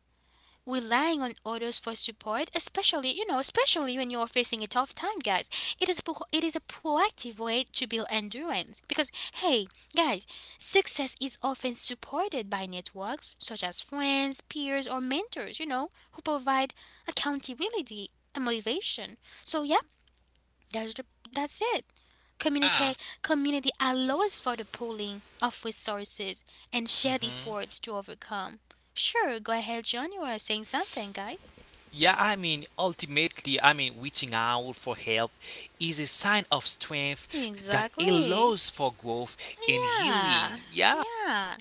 Speaker 1: relying on others for support, especially, especially when you're facing a tough time, guys. It is a proactive way to build endurance because hey, guys, success is often supported by networks such as friends, peers, or mentors. Who provide accountability and motivation. So yeah, that's it.
Speaker 2: Yeah.
Speaker 1: Communicate community allows for the pooling of resources and
Speaker 2: Mm
Speaker 1: shared
Speaker 2: hmm.
Speaker 1: efforts to overcome. Sure, go ahead, John. You are saying something, guy.
Speaker 2: Yeah, ultimately, reaching out for help is a sign of strength that
Speaker 1: Exactly.
Speaker 2: allows for growth and
Speaker 1: Yeah.
Speaker 2: healing. Yeah,
Speaker 1: Yeah.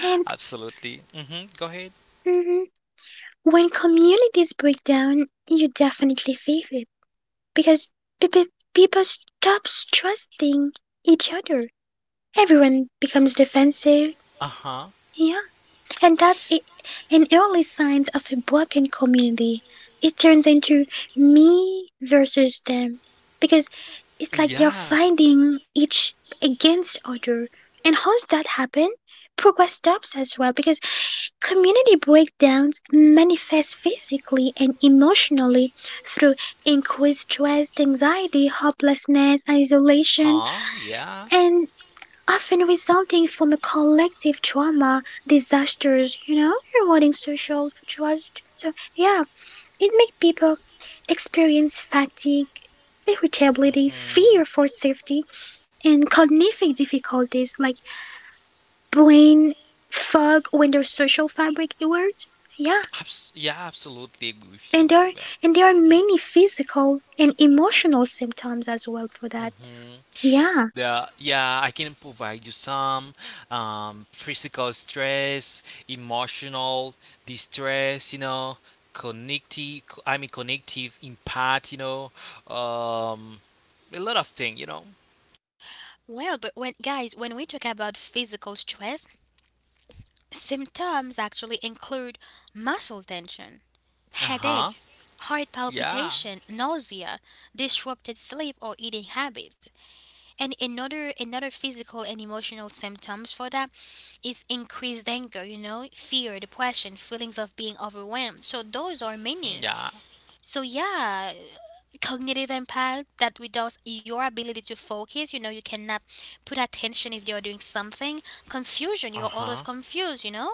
Speaker 3: And
Speaker 2: absolutely. Mm-hmm. Go ahead.
Speaker 3: mm, when communities break down, you definitely feel it because people people stop trusting each other. Everyone becomes defensive.
Speaker 2: Uh huh.
Speaker 3: Yeah, and that's a, an early sign of a broken community. It turns into me versus them because it's like they're
Speaker 2: Yeah.
Speaker 3: fighting each against other. And how's that happen? Progress stops as well because community breakdowns manifest physically and emotionally through increased stress, anxiety, hopelessness, isolation,
Speaker 2: Huh? Yeah.
Speaker 3: and often resulting from a collective trauma, disasters, you know, rewarding social trust. So, yeah, it makes people experience fatigue, irritability, fear for safety, and cognitive difficulties like brain fog when their social
Speaker 2: Mhm.
Speaker 3: fabric erodes. Yeah,
Speaker 2: Yeah, absolutely agree
Speaker 3: and
Speaker 2: with you.
Speaker 3: there
Speaker 2: Well,
Speaker 3: and there are many physical and emotional symptoms as well for that.
Speaker 2: hmm.
Speaker 3: Yeah.
Speaker 2: Yeah, I can provide you some physical stress, emotional distress, you know, connective impact, you know, um, a lot of things, you know.
Speaker 1: Well, but when, guys, when we talk about physical stress, symptoms actually include muscle tension,
Speaker 2: Uh huh.
Speaker 1: headaches, heart
Speaker 2: Yeah.
Speaker 1: palpitation, nausea, disrupted sleep or eating habits. And another physical and emotional symptoms for that is increased anger, you know, fear, depression, feelings of being overwhelmed. So those are
Speaker 2: Mm,
Speaker 1: many,
Speaker 2: yeah.
Speaker 1: so yeah, cognitive impact that reduces your ability to focus. You know, you cannot put attention if you're doing something. Confusion,
Speaker 2: Uh
Speaker 1: you're always
Speaker 2: huh.
Speaker 1: confused, you know?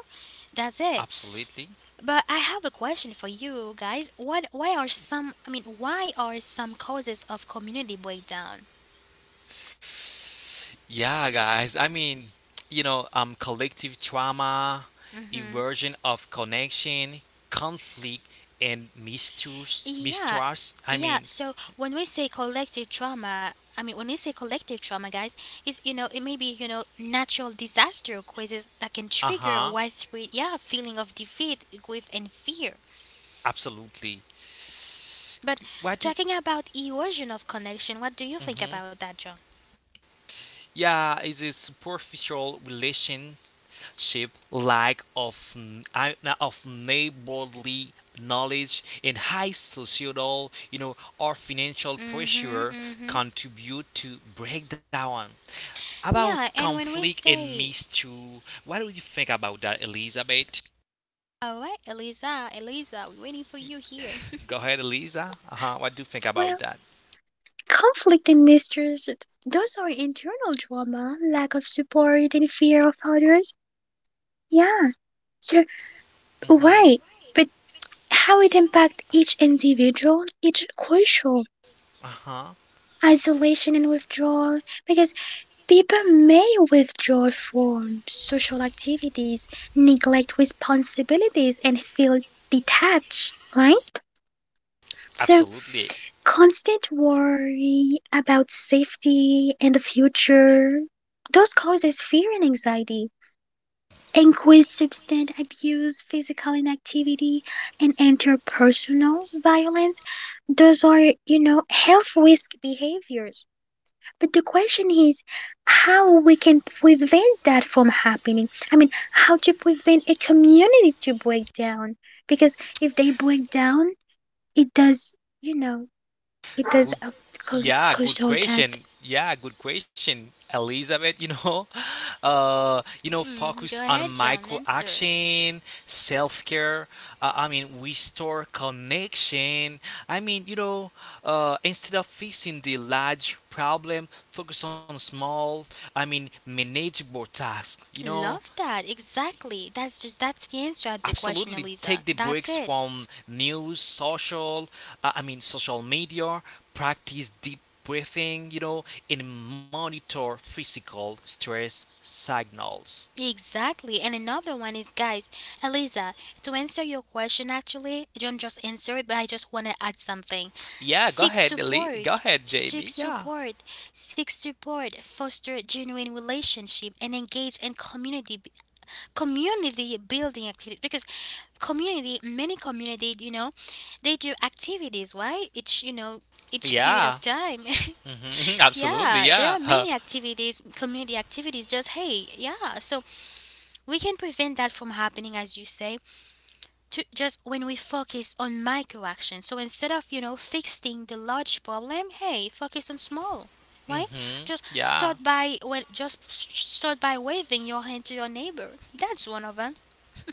Speaker 1: That's it.
Speaker 2: Absolutely.
Speaker 1: But I have a question for you guys. What Why are some, I mean, why are some causes of community breakdown?
Speaker 2: Yeah, guys. You know, collective trauma,
Speaker 1: Mhm.
Speaker 2: erosion of connection, conflict, and mistrust.
Speaker 1: Yeah,
Speaker 2: Mistrust.
Speaker 1: yeah. So when we say collective trauma, I mean when we say collective trauma, guys, is, it may be, natural disaster causes that can
Speaker 2: Uh
Speaker 1: trigger a
Speaker 2: huh.
Speaker 1: widespread, yeah, feeling of defeat, grief, and fear.
Speaker 2: Absolutely.
Speaker 1: But
Speaker 2: Why
Speaker 1: talking
Speaker 2: do?
Speaker 1: about erosion of connection, what do you think about
Speaker 2: Mm-hmm.
Speaker 1: that, John?
Speaker 2: Yeah, it's a superficial relationship, lack of of neighborly knowledge, and high societal, you know, or financial
Speaker 1: Mm-hmm,
Speaker 2: pressure
Speaker 1: mm-hmm.
Speaker 2: contribute to breakdown.
Speaker 1: Yeah,
Speaker 2: About
Speaker 1: and
Speaker 2: conflict and mystery, what do you think about that, Elizabeth?
Speaker 1: all right, Eliza, Eliza, we're waiting for you here.
Speaker 2: Go ahead, Eliza. Uh huh. What do you think
Speaker 3: Well,
Speaker 2: about that?
Speaker 3: conflict and mistrust, those are internal drama, lack of support and fear of others. Yeah, so
Speaker 2: Mm
Speaker 3: right.
Speaker 2: hmm.
Speaker 3: But how it impacts each individual, it's crucial.
Speaker 2: Uh huh.
Speaker 3: Isolation and withdrawal, because people may withdraw from social activities, neglect responsibilities, and feel detached, right? So
Speaker 2: Absolutely.
Speaker 3: constant worry about safety and the future. Those causes fear and anxiety, increased substance abuse, physical inactivity, and interpersonal violence. Those are, you know, health risk behaviors. But the question is how we can prevent that from happening. I mean, how to prevent a community to break down. Because if they break down, it does, you know, it is
Speaker 2: Good,
Speaker 3: a
Speaker 2: yeah, good
Speaker 3: cultural debt.
Speaker 2: question. Yeah, good question, Elizabeth. You know, you know,
Speaker 1: Go
Speaker 2: focus on
Speaker 1: ahead, John,
Speaker 2: micro
Speaker 1: answer.
Speaker 2: action, self care. Restore connection. I mean, you know, instead of fixing the large problem, focus on small. Manageable tasks. You know,
Speaker 1: Love that. Exactly. That's the answer to the question,
Speaker 2: absolutely
Speaker 1: Eliza.
Speaker 2: take the
Speaker 1: That's
Speaker 2: breaks
Speaker 1: it.
Speaker 2: from news social social media practice deep breathing, you know, and monitor physical stress signals.
Speaker 1: Exactly. And another one is, guys, Eliza, to answer your question actually, don't just answer it, but I just wanna add something.
Speaker 2: Yeah, go
Speaker 1: Seek
Speaker 2: ahead, Lee. Go
Speaker 1: support.
Speaker 2: ahead,
Speaker 1: Seek
Speaker 2: Jamie. Yeah,
Speaker 1: support. Seek support. Foster genuine relationship and engage in community building activities because community many community, they do activities, right, each, each period of
Speaker 2: yeah.
Speaker 1: time.
Speaker 2: Hmm. absolutely,
Speaker 1: Yeah, there are many
Speaker 2: yeah.
Speaker 1: activities, community activities. Just hey, yeah. So we can prevent that from happening, as you say, to just when we focus on micro actions. So instead of fixing the large problem, hey, focus on small. Right?
Speaker 2: Hmm.
Speaker 1: Just
Speaker 2: Yeah.
Speaker 1: start by when just s- start by waving your hand to your neighbor. That's one of them.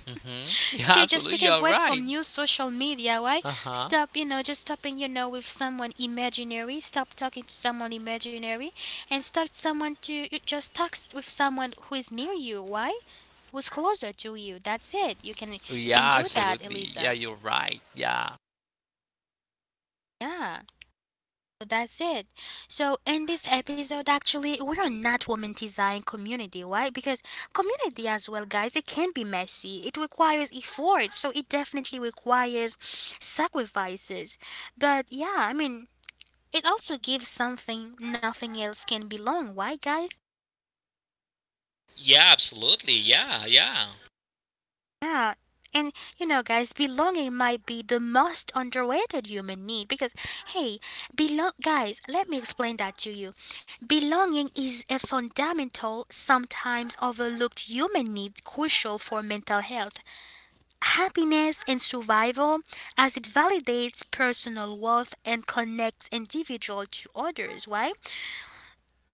Speaker 2: Mm-hmm. Yeah,
Speaker 1: Stay, just
Speaker 2: absolutely.
Speaker 1: take a
Speaker 2: You're
Speaker 1: break from
Speaker 2: right.
Speaker 1: new social media, right?
Speaker 2: Uh-huh.
Speaker 1: Stop, just stopping, with someone imaginary. Stop talking to someone imaginary, and start someone to you just text with someone who is near you. Why? Who's closer to you? That's it. You can
Speaker 2: Yeah,
Speaker 1: do that,
Speaker 2: absolutely.
Speaker 1: Eliza.
Speaker 2: Yeah, you're right. Yeah.
Speaker 1: Yeah. So that's it. So in this episode, actually, we are not romanticizing community, right? Because community as well, guys, it can be messy. It requires effort, so it definitely requires sacrifices. But yeah, I mean, it also gives something nothing else can, belong, right, guys?
Speaker 2: Yeah, absolutely. Yeah, yeah.
Speaker 1: Yeah. And you know, guys, belonging might be the most underrated human need because, hey, belong, guys, let me explain that to you. Belonging is a fundamental, sometimes overlooked human need crucial for mental health, happiness, and survival as it validates personal worth and connects individual to others, right?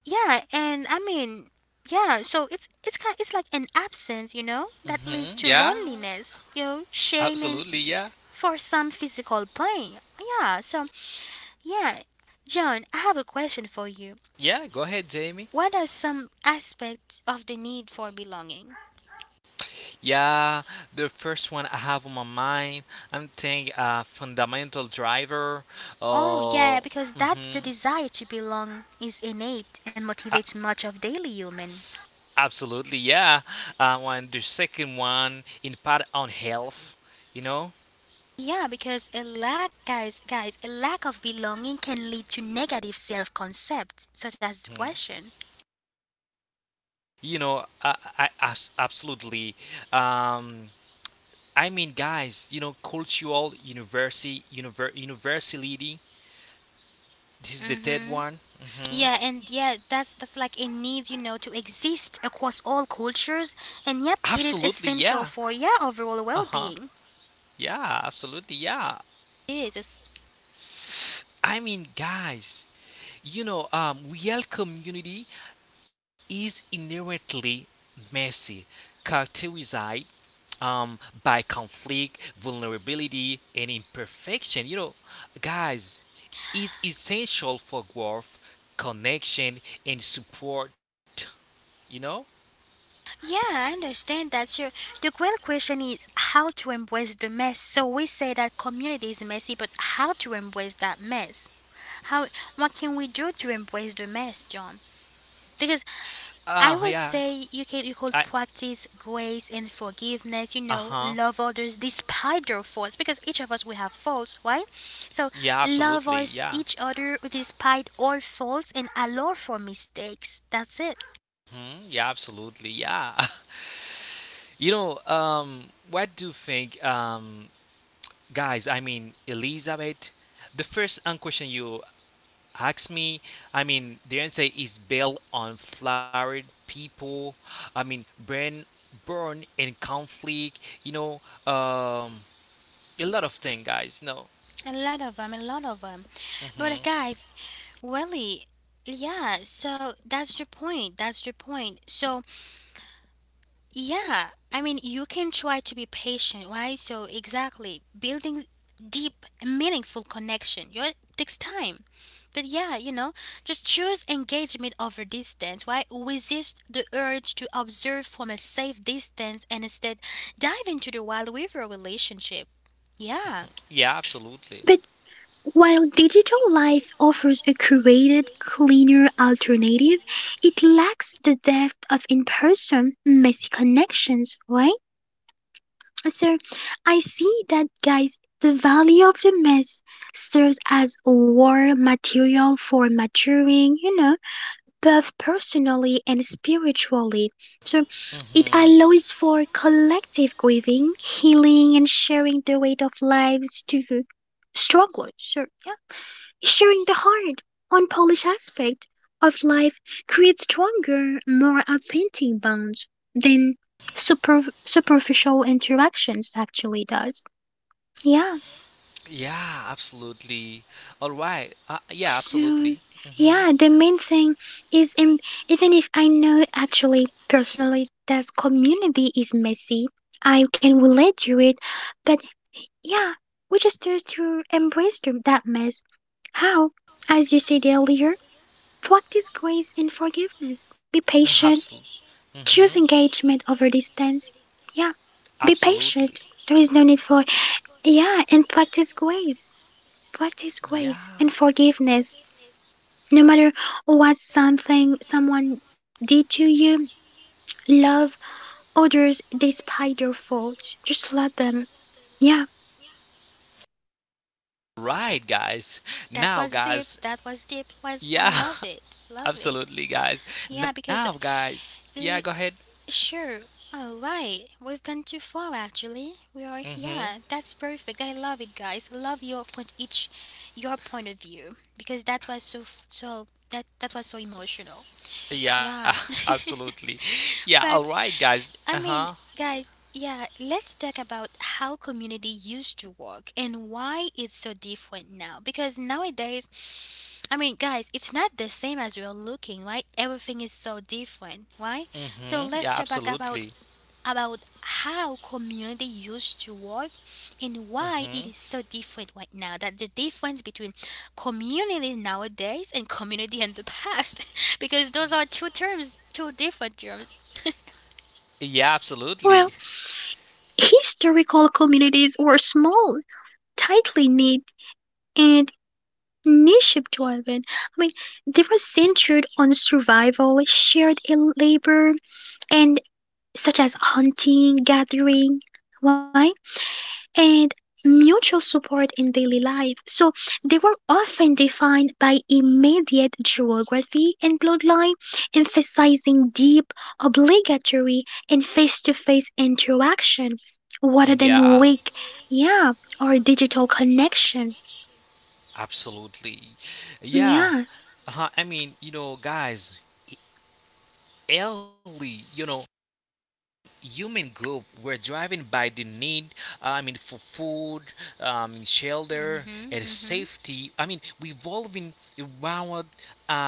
Speaker 1: Yeah, and I mean, yeah, so it's like an absence, you know, that leads
Speaker 2: Mm-hmm.
Speaker 1: to
Speaker 2: Yeah,
Speaker 1: loneliness, you know, shame and,
Speaker 2: absolutely. Yeah.
Speaker 1: for some, physical pain. Yeah, so yeah, John, I have a question for you.
Speaker 2: Yeah, go ahead,
Speaker 1: What
Speaker 2: Jamie.
Speaker 1: are some aspects of the need for belonging?
Speaker 2: Yeah, the first one I have on my mind, I'm thinking fundamental driver.
Speaker 1: Oh, yeah,
Speaker 2: Uh,
Speaker 1: because that's the
Speaker 2: mm-hmm.
Speaker 1: desire to belong is innate and motivates much of daily human.
Speaker 2: Absolutely, yeah. When the second one impact on health, you know.
Speaker 1: Yeah, because a lack, guys, guys, a lack of belonging can lead to negative self-concept, such as
Speaker 2: Mhm.
Speaker 1: depression.
Speaker 2: You know, absolutely. Um, guys, you know, cultural universality. This is the third
Speaker 1: Mm-hmm.
Speaker 2: one.
Speaker 1: Yeah,
Speaker 2: Hmm.
Speaker 1: and yeah, that's like a need, you know, to exist across all cultures. And yep, it is
Speaker 2: Absolutely, yeah.
Speaker 1: essential for, yeah, overall
Speaker 2: Uh huh.
Speaker 1: well-being.
Speaker 2: Yeah, absolutely, yeah.
Speaker 1: It is.
Speaker 2: Guys, you know, real community is inherently messy, characterized um, by conflict, vulnerability, and imperfection. You know, guys, is essential for growth, connection, and support. You know?
Speaker 1: Yeah, I understand that. So the great question is how to embrace the mess. So we say that community is messy, but how to embrace that mess? How, what can we do to embrace the mess, John? Because I
Speaker 2: Yeah.
Speaker 1: will say you can you
Speaker 2: I,
Speaker 1: could practice grace and
Speaker 2: uh
Speaker 1: forgiveness, you
Speaker 2: huh.
Speaker 1: know, love others despite their faults because each of us we have faults, right? So
Speaker 2: Yeah,
Speaker 1: love
Speaker 2: absolutely.
Speaker 1: us
Speaker 2: Yeah.
Speaker 1: each other despite our faults and allow for mistakes. That's it.
Speaker 2: Hmm, yeah, absolutely. Yeah. you know, what do you think, guys? Elizabeth, the first question you ask me, the answer is built on flawed people. I mean, burn in conflict. You know, um, a lot of things, guys. No.
Speaker 1: A lot of them, a lot of them. But
Speaker 2: Mm-hmm.
Speaker 1: guys, really, yeah, so that's the point. That's the point. So yeah, I mean, you can try to be patient, right? So, exactly, building deep, meaningful connection. You takes time. But yeah, you know, just choose engagement over distance, right? Resist the urge to observe from a safe distance and instead dive into the wild river relationship. Yeah,
Speaker 2: Yeah, absolutely.
Speaker 3: But while digital life offers a curated, cleaner alternative, it lacks the depth of in person, messy connections, right? So I see that, guys, the value of the mess serves as war material for maturing, you know, both personally and spiritually. So it
Speaker 2: Mm-hmm.
Speaker 3: allows for collective grieving, healing, and sharing the weight of lives to the strugglers. So, yeah, sharing the hard, unpolished aspect of life creates stronger, more authentic bonds than superficial interactions actually does. Yeah.
Speaker 2: Yeah, absolutely. All right. Yeah,
Speaker 3: So,
Speaker 2: absolutely.
Speaker 3: yeah,
Speaker 2: Mm-hmm.
Speaker 3: the main thing is im- even if I know actually personally that community is messy, I can relate to it, but yeah, we just need to embrace that mess. How? As you said earlier, practice grace and forgiveness. Be patient,
Speaker 2: Absolutely.
Speaker 3: choose
Speaker 2: Mm-hmm.
Speaker 3: engagement over distance. Yeah, be patient.
Speaker 2: Absolutely.
Speaker 3: There is no need for, yeah, and practice grace. Practice grace
Speaker 2: Yeah.
Speaker 3: and forgiveness. No matter what something someone did to you, love others despite their faults. Just love them. Yeah.
Speaker 2: Right, guys.
Speaker 1: that was
Speaker 2: Now,
Speaker 1: deep.
Speaker 2: guys.
Speaker 1: That was deep. Was I
Speaker 2: Yeah,
Speaker 1: love it. Love it.
Speaker 2: absolutely, guys.
Speaker 1: Yeah, because
Speaker 2: Now, guys.
Speaker 1: uh,
Speaker 2: Yeah, go ahead.
Speaker 1: sure. Oh, right. We've gone too far, actually. We are, yeah,
Speaker 2: Mm-hmm.
Speaker 1: that's perfect. I love it, guys. Love your point, each your point of view because that was so that was so emotional.
Speaker 2: Yeah,
Speaker 1: Yeah,
Speaker 2: absolutely. Yeah, all
Speaker 1: but
Speaker 2: right, guys.
Speaker 1: I mean,
Speaker 2: Uh-huh.
Speaker 1: guys, yeah, let's talk about how community used to work and why it's so different now. Because nowadays, I mean, guys, it's not the same as we're looking, right? Everything is so different, right? So
Speaker 2: Mm-hmm.
Speaker 1: let's talk
Speaker 2: Yeah,
Speaker 1: back about
Speaker 2: absolutely.
Speaker 1: about how community used to work and why it is
Speaker 2: Mm-hmm.
Speaker 1: so different right now. That the difference between community nowadays and community in the past, because those are two terms, two different terms.
Speaker 2: Yeah,
Speaker 3: Well,
Speaker 2: absolutely.
Speaker 3: historical communities were small, tightly knit, and niche driven. I mean, they were centered on survival, shared labor, and such as hunting, gathering. Why? And mutual support in daily life. So they were often defined by immediate geography and bloodline, emphasizing deep, obligatory, and face to face interaction rather than
Speaker 2: Yeah,
Speaker 3: weak, yeah, or digital connection.
Speaker 2: absolutely.
Speaker 3: Yeah.
Speaker 2: Yeah. Uh-huh. You know, guys, early, you know, human group were driven by the need for food, shelter
Speaker 1: Mm-hmm,
Speaker 2: and
Speaker 1: mm-hmm.
Speaker 2: safety, revolving around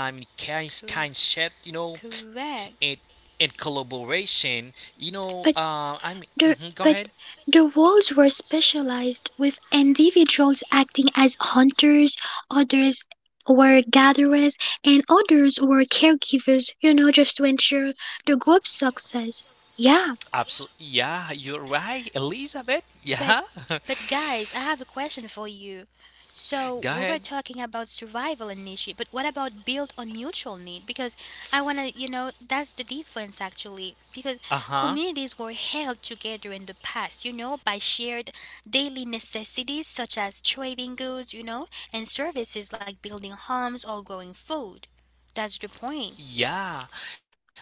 Speaker 2: um kind,
Speaker 1: Co-
Speaker 2: kind shit, you know,
Speaker 1: correct.
Speaker 2: and collaboration, you know,
Speaker 3: But The,
Speaker 2: mhm, go
Speaker 3: but
Speaker 2: ahead.
Speaker 3: the wolves were specialized, with individuals acting as hunters, others were gatherers, and others were caregivers, you know, just to ensure the group's success. Yeah,
Speaker 2: Absolutely, yeah, you're right, Elizabeth.
Speaker 1: But
Speaker 2: Yeah.
Speaker 1: but guys, I have a question for you. So we
Speaker 2: Go
Speaker 1: were
Speaker 2: ahead.
Speaker 1: talking about survival and niche, but what about built on mutual need? Because I wanna, you know, that's the difference actually. Because
Speaker 2: Uh-huh.
Speaker 1: communities were held together in the past, you know, by shared daily necessities such as trading goods, you know, and services like building homes or growing food. That's the point.
Speaker 2: Yeah,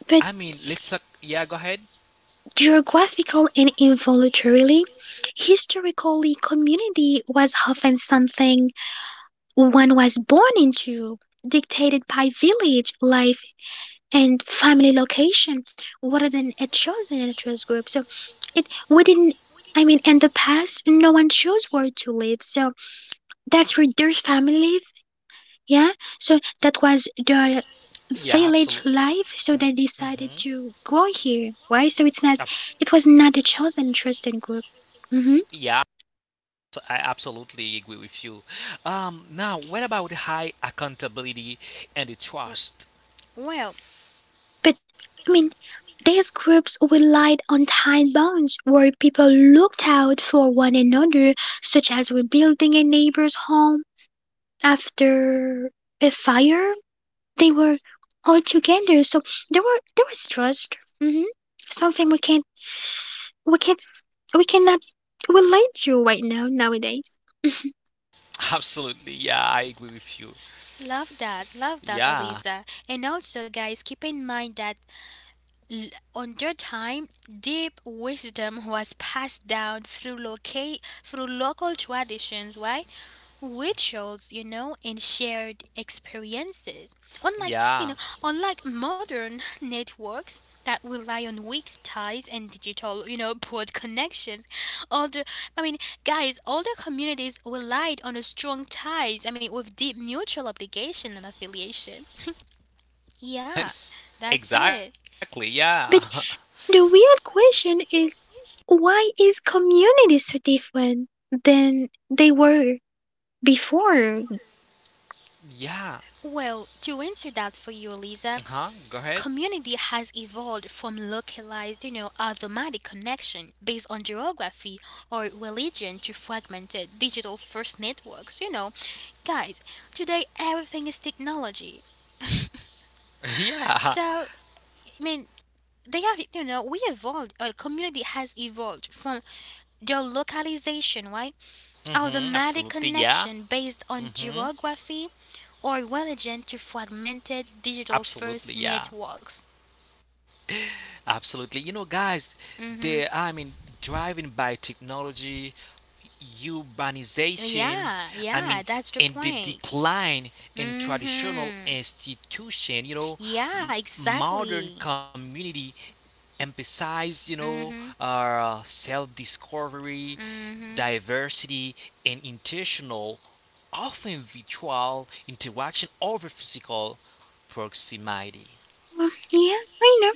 Speaker 3: but
Speaker 2: let's talk, yeah, go ahead.
Speaker 3: geographical and involuntarily, historically, community was often something one was born into, dictated by village life and family location, rather than a chosen interest group. So It we didn't. I mean in the past no one chose where to live, so that's where their family live, yeah. So that was the
Speaker 2: Yeah,
Speaker 3: village
Speaker 2: absolutely.
Speaker 3: life, so they decided to go here. Why? So
Speaker 2: Abs-
Speaker 3: it was not a chosen trusted group. Hmm.
Speaker 2: yeah, I absolutely agree with you. Now, what about high accountability and the
Speaker 1: W-
Speaker 2: trust?
Speaker 1: Well,
Speaker 3: But I mean these groups relied on tight bonds where people looked out for one another, such as rebuilding a neighbor's home after a fire they were all together. So there was trust. Hmm. Something we can't we cannot relate to right now nowadays.
Speaker 2: Absolutely, yeah, I agree with you.
Speaker 1: love that,
Speaker 2: Yeah,
Speaker 1: Eliza. And also, guys, keep in mind that L- under time, deep wisdom was passed down through, through local traditions, right? Rituals, you know, and shared experiences. Unlike, you
Speaker 2: yeah,
Speaker 1: know, unlike modern networks that rely on weak ties and digital, you know, broad connections, older, I mean, guys, older communities relied on a strong ties. I mean, with deep mutual obligation and affiliation. Yeah,
Speaker 2: Ex-
Speaker 1: that's it.
Speaker 2: exactly, yeah,
Speaker 3: But the real question is why is community so different than they were before? Mm.
Speaker 2: yeah.
Speaker 1: Well, to answer that for you, Eliza,
Speaker 2: Huh? Go ahead.
Speaker 1: community has evolved from localized, you know, automatic connection based on geography or religion to fragmented digital first networks, you know. Guys, today everything is technology.
Speaker 2: Yeah.
Speaker 1: So, I mean, they have, you know, we evolved, our community has evolved from the localization, right?
Speaker 2: Mm-hmm.
Speaker 1: Automatic
Speaker 2: Absolutely, yeah.
Speaker 1: connection based on
Speaker 2: Mm-hmm.
Speaker 1: geography or relevant to fragmented digital
Speaker 2: Absolutely,
Speaker 1: first
Speaker 2: yeah.
Speaker 1: networks.
Speaker 2: Absolutely. You know, guys, they
Speaker 1: hmm
Speaker 2: I mean, driving by technology urbanization,
Speaker 1: Yeah,
Speaker 2: I
Speaker 1: yeah,
Speaker 2: mean,
Speaker 1: that's the
Speaker 2: and the
Speaker 1: point.
Speaker 2: decline in traditional
Speaker 1: hmm
Speaker 2: institution, you know,
Speaker 1: Yeah,
Speaker 2: modern
Speaker 1: exactly.
Speaker 2: community emphasize, you know,
Speaker 1: hmm
Speaker 2: self-discovery,
Speaker 1: hmm
Speaker 2: diversity, and intentional, often virtual interaction over physical proximity.
Speaker 3: Yeah, I know.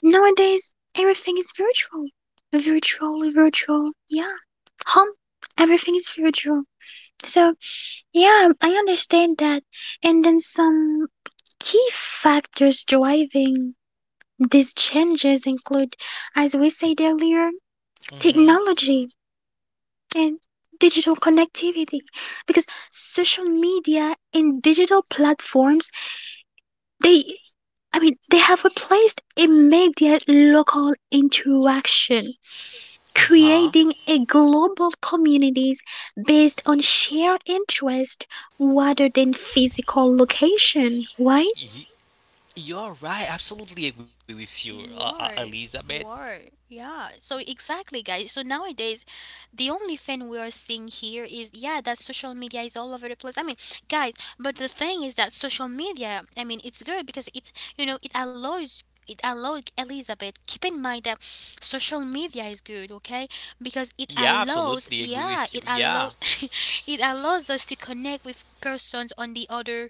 Speaker 3: Nowadays everything is virtual. Virtual, virtual, yeah. Home everything is virtual. So yeah, I understand that. And then some key factors driving these changes include, as we said earlier,
Speaker 2: Mm-hmm.
Speaker 3: technology and digital connectivity because social media and digital platforms they I mean they have replaced immediate local interaction,
Speaker 2: Uh-huh.
Speaker 3: creating a global communities based on shared interest rather than physical location, right?
Speaker 2: Y- You're right. Absolutely agree with you,
Speaker 1: You are.
Speaker 2: Elizabeth.
Speaker 1: You are. Yeah. So exactly, guys. So nowadays the only thing we are seeing here is, yeah, that social media is all over the place. I mean, guys, but the thing is that social media, I mean, it's good because it's, you know, it allows Elizabeth, keep in mind that social media is good, okay? Because it
Speaker 2: Yeah,
Speaker 1: allows,
Speaker 2: absolutely agree
Speaker 1: yeah,
Speaker 2: with you.
Speaker 1: it
Speaker 2: Yeah,
Speaker 1: allows it allows us to connect with persons on the other,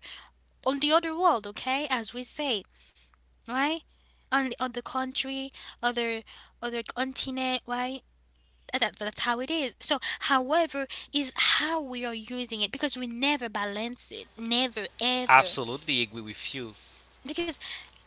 Speaker 1: on the other world, okay? As we say, right? On the country, other other continent, right? That's how it is. So, however, is how we are using it because we never balance it, never ever.
Speaker 2: absolutely agree with you.
Speaker 1: Because,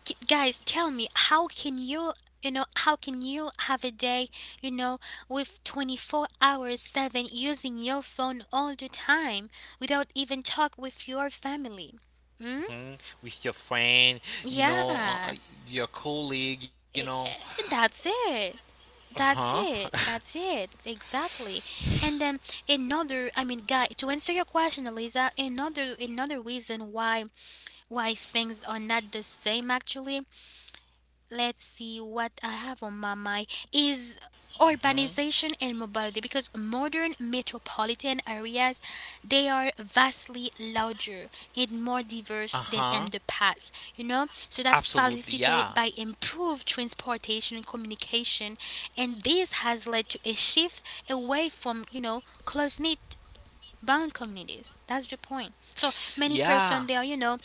Speaker 1: guys, tell me, how can you, you know, how can you have a day, you know, with 24 hours seven using your phone all the time without even talk with your family? Hmm?
Speaker 2: Mhm. With your friend, you know,
Speaker 1: Yeah.
Speaker 2: your colleague, you know.
Speaker 1: That's it.
Speaker 2: Uh
Speaker 1: That's
Speaker 2: huh.
Speaker 1: it. That's it. Exactly. And then another, I mean, guy, to answer your question, Eliza, another reason why, things are not the same actually, let's see what I have on my mind is
Speaker 2: Hmm.
Speaker 1: urbanization and mobility because modern metropolitan areas they are vastly larger and more
Speaker 2: Uh
Speaker 1: diverse than in
Speaker 2: huh.
Speaker 1: the past, you know, so that
Speaker 2: Absolutely.
Speaker 1: facilitated
Speaker 2: Yeah.
Speaker 1: by improved transportation and communication, and this has led to a shift away from, you know, close knit bound communities. That's the point. So many
Speaker 2: Yeah.
Speaker 1: person, they are you know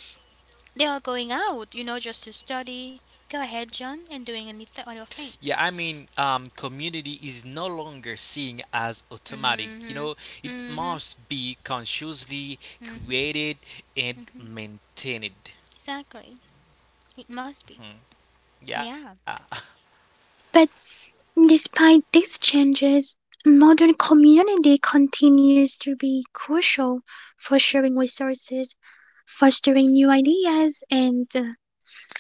Speaker 1: they are going out, you know, just to study. Go ahead, John, and doing a little audio thing.
Speaker 2: Yeah, community is no longer seen as automatic. You know,
Speaker 1: Mm-hmm.
Speaker 2: it
Speaker 1: Mm-hmm.
Speaker 2: must be consciously created and maintained.
Speaker 1: Exactly. It must be.
Speaker 2: Mhm. Yeah,
Speaker 1: Yeah.
Speaker 3: But despite these changes, modern community continues to be crucial for sharing resources, fostering new ideas, and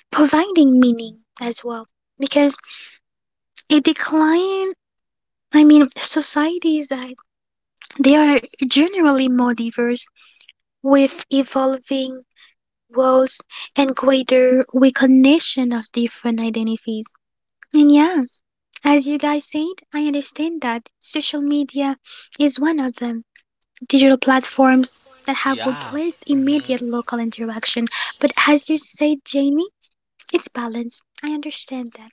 Speaker 3: providing meaning as well. Because a decline, I mean, societies are they are generally more diverse with evolving roles and greater recognition of different identities. And yeah, as you guys said, I understand that social media is one of them digital platforms that have
Speaker 2: yeah,
Speaker 3: replaced immediate
Speaker 2: hmm,
Speaker 3: local interaction. But as you said, Jamie, it's balance. I understand that.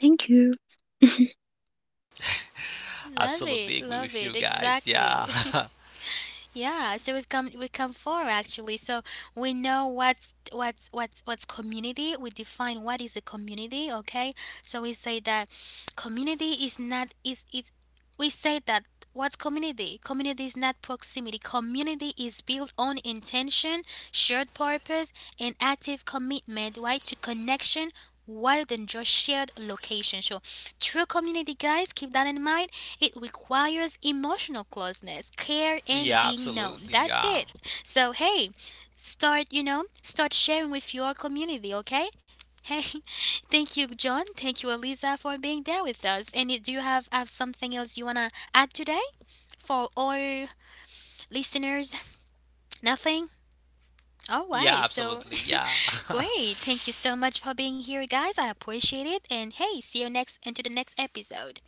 Speaker 3: Thank you.
Speaker 1: Love
Speaker 2: absolutely
Speaker 1: it.
Speaker 2: agree
Speaker 1: Love
Speaker 2: with you
Speaker 1: it.
Speaker 2: guys. Yeah,
Speaker 1: Exactly. Yeah, so we've come, we come forward actually. So we know what's community. We define what is a community, okay? So we say that community is not, is, it's, we say that, what's community? Community is not proximity. Community is built on intention, shared purpose, and active commitment, right? To connection rather than just shared location. So true community, guys, keep that in mind, it requires emotional closeness, care, and
Speaker 2: yeah,
Speaker 1: being known.
Speaker 2: absolutely.
Speaker 1: That's
Speaker 2: Yeah,
Speaker 1: it. So, hey, start, you know, start sharing with your community, okay? Hey, thank you, John. Thank you, Eliza, for being there with us. And do you have something else you want to add today for all listeners? Nothing? All
Speaker 2: yeah,
Speaker 1: right. So,
Speaker 2: absolutely. Yeah.
Speaker 1: great. Thank you so much for being here, guys. I appreciate it. And hey, see you next into the next episode.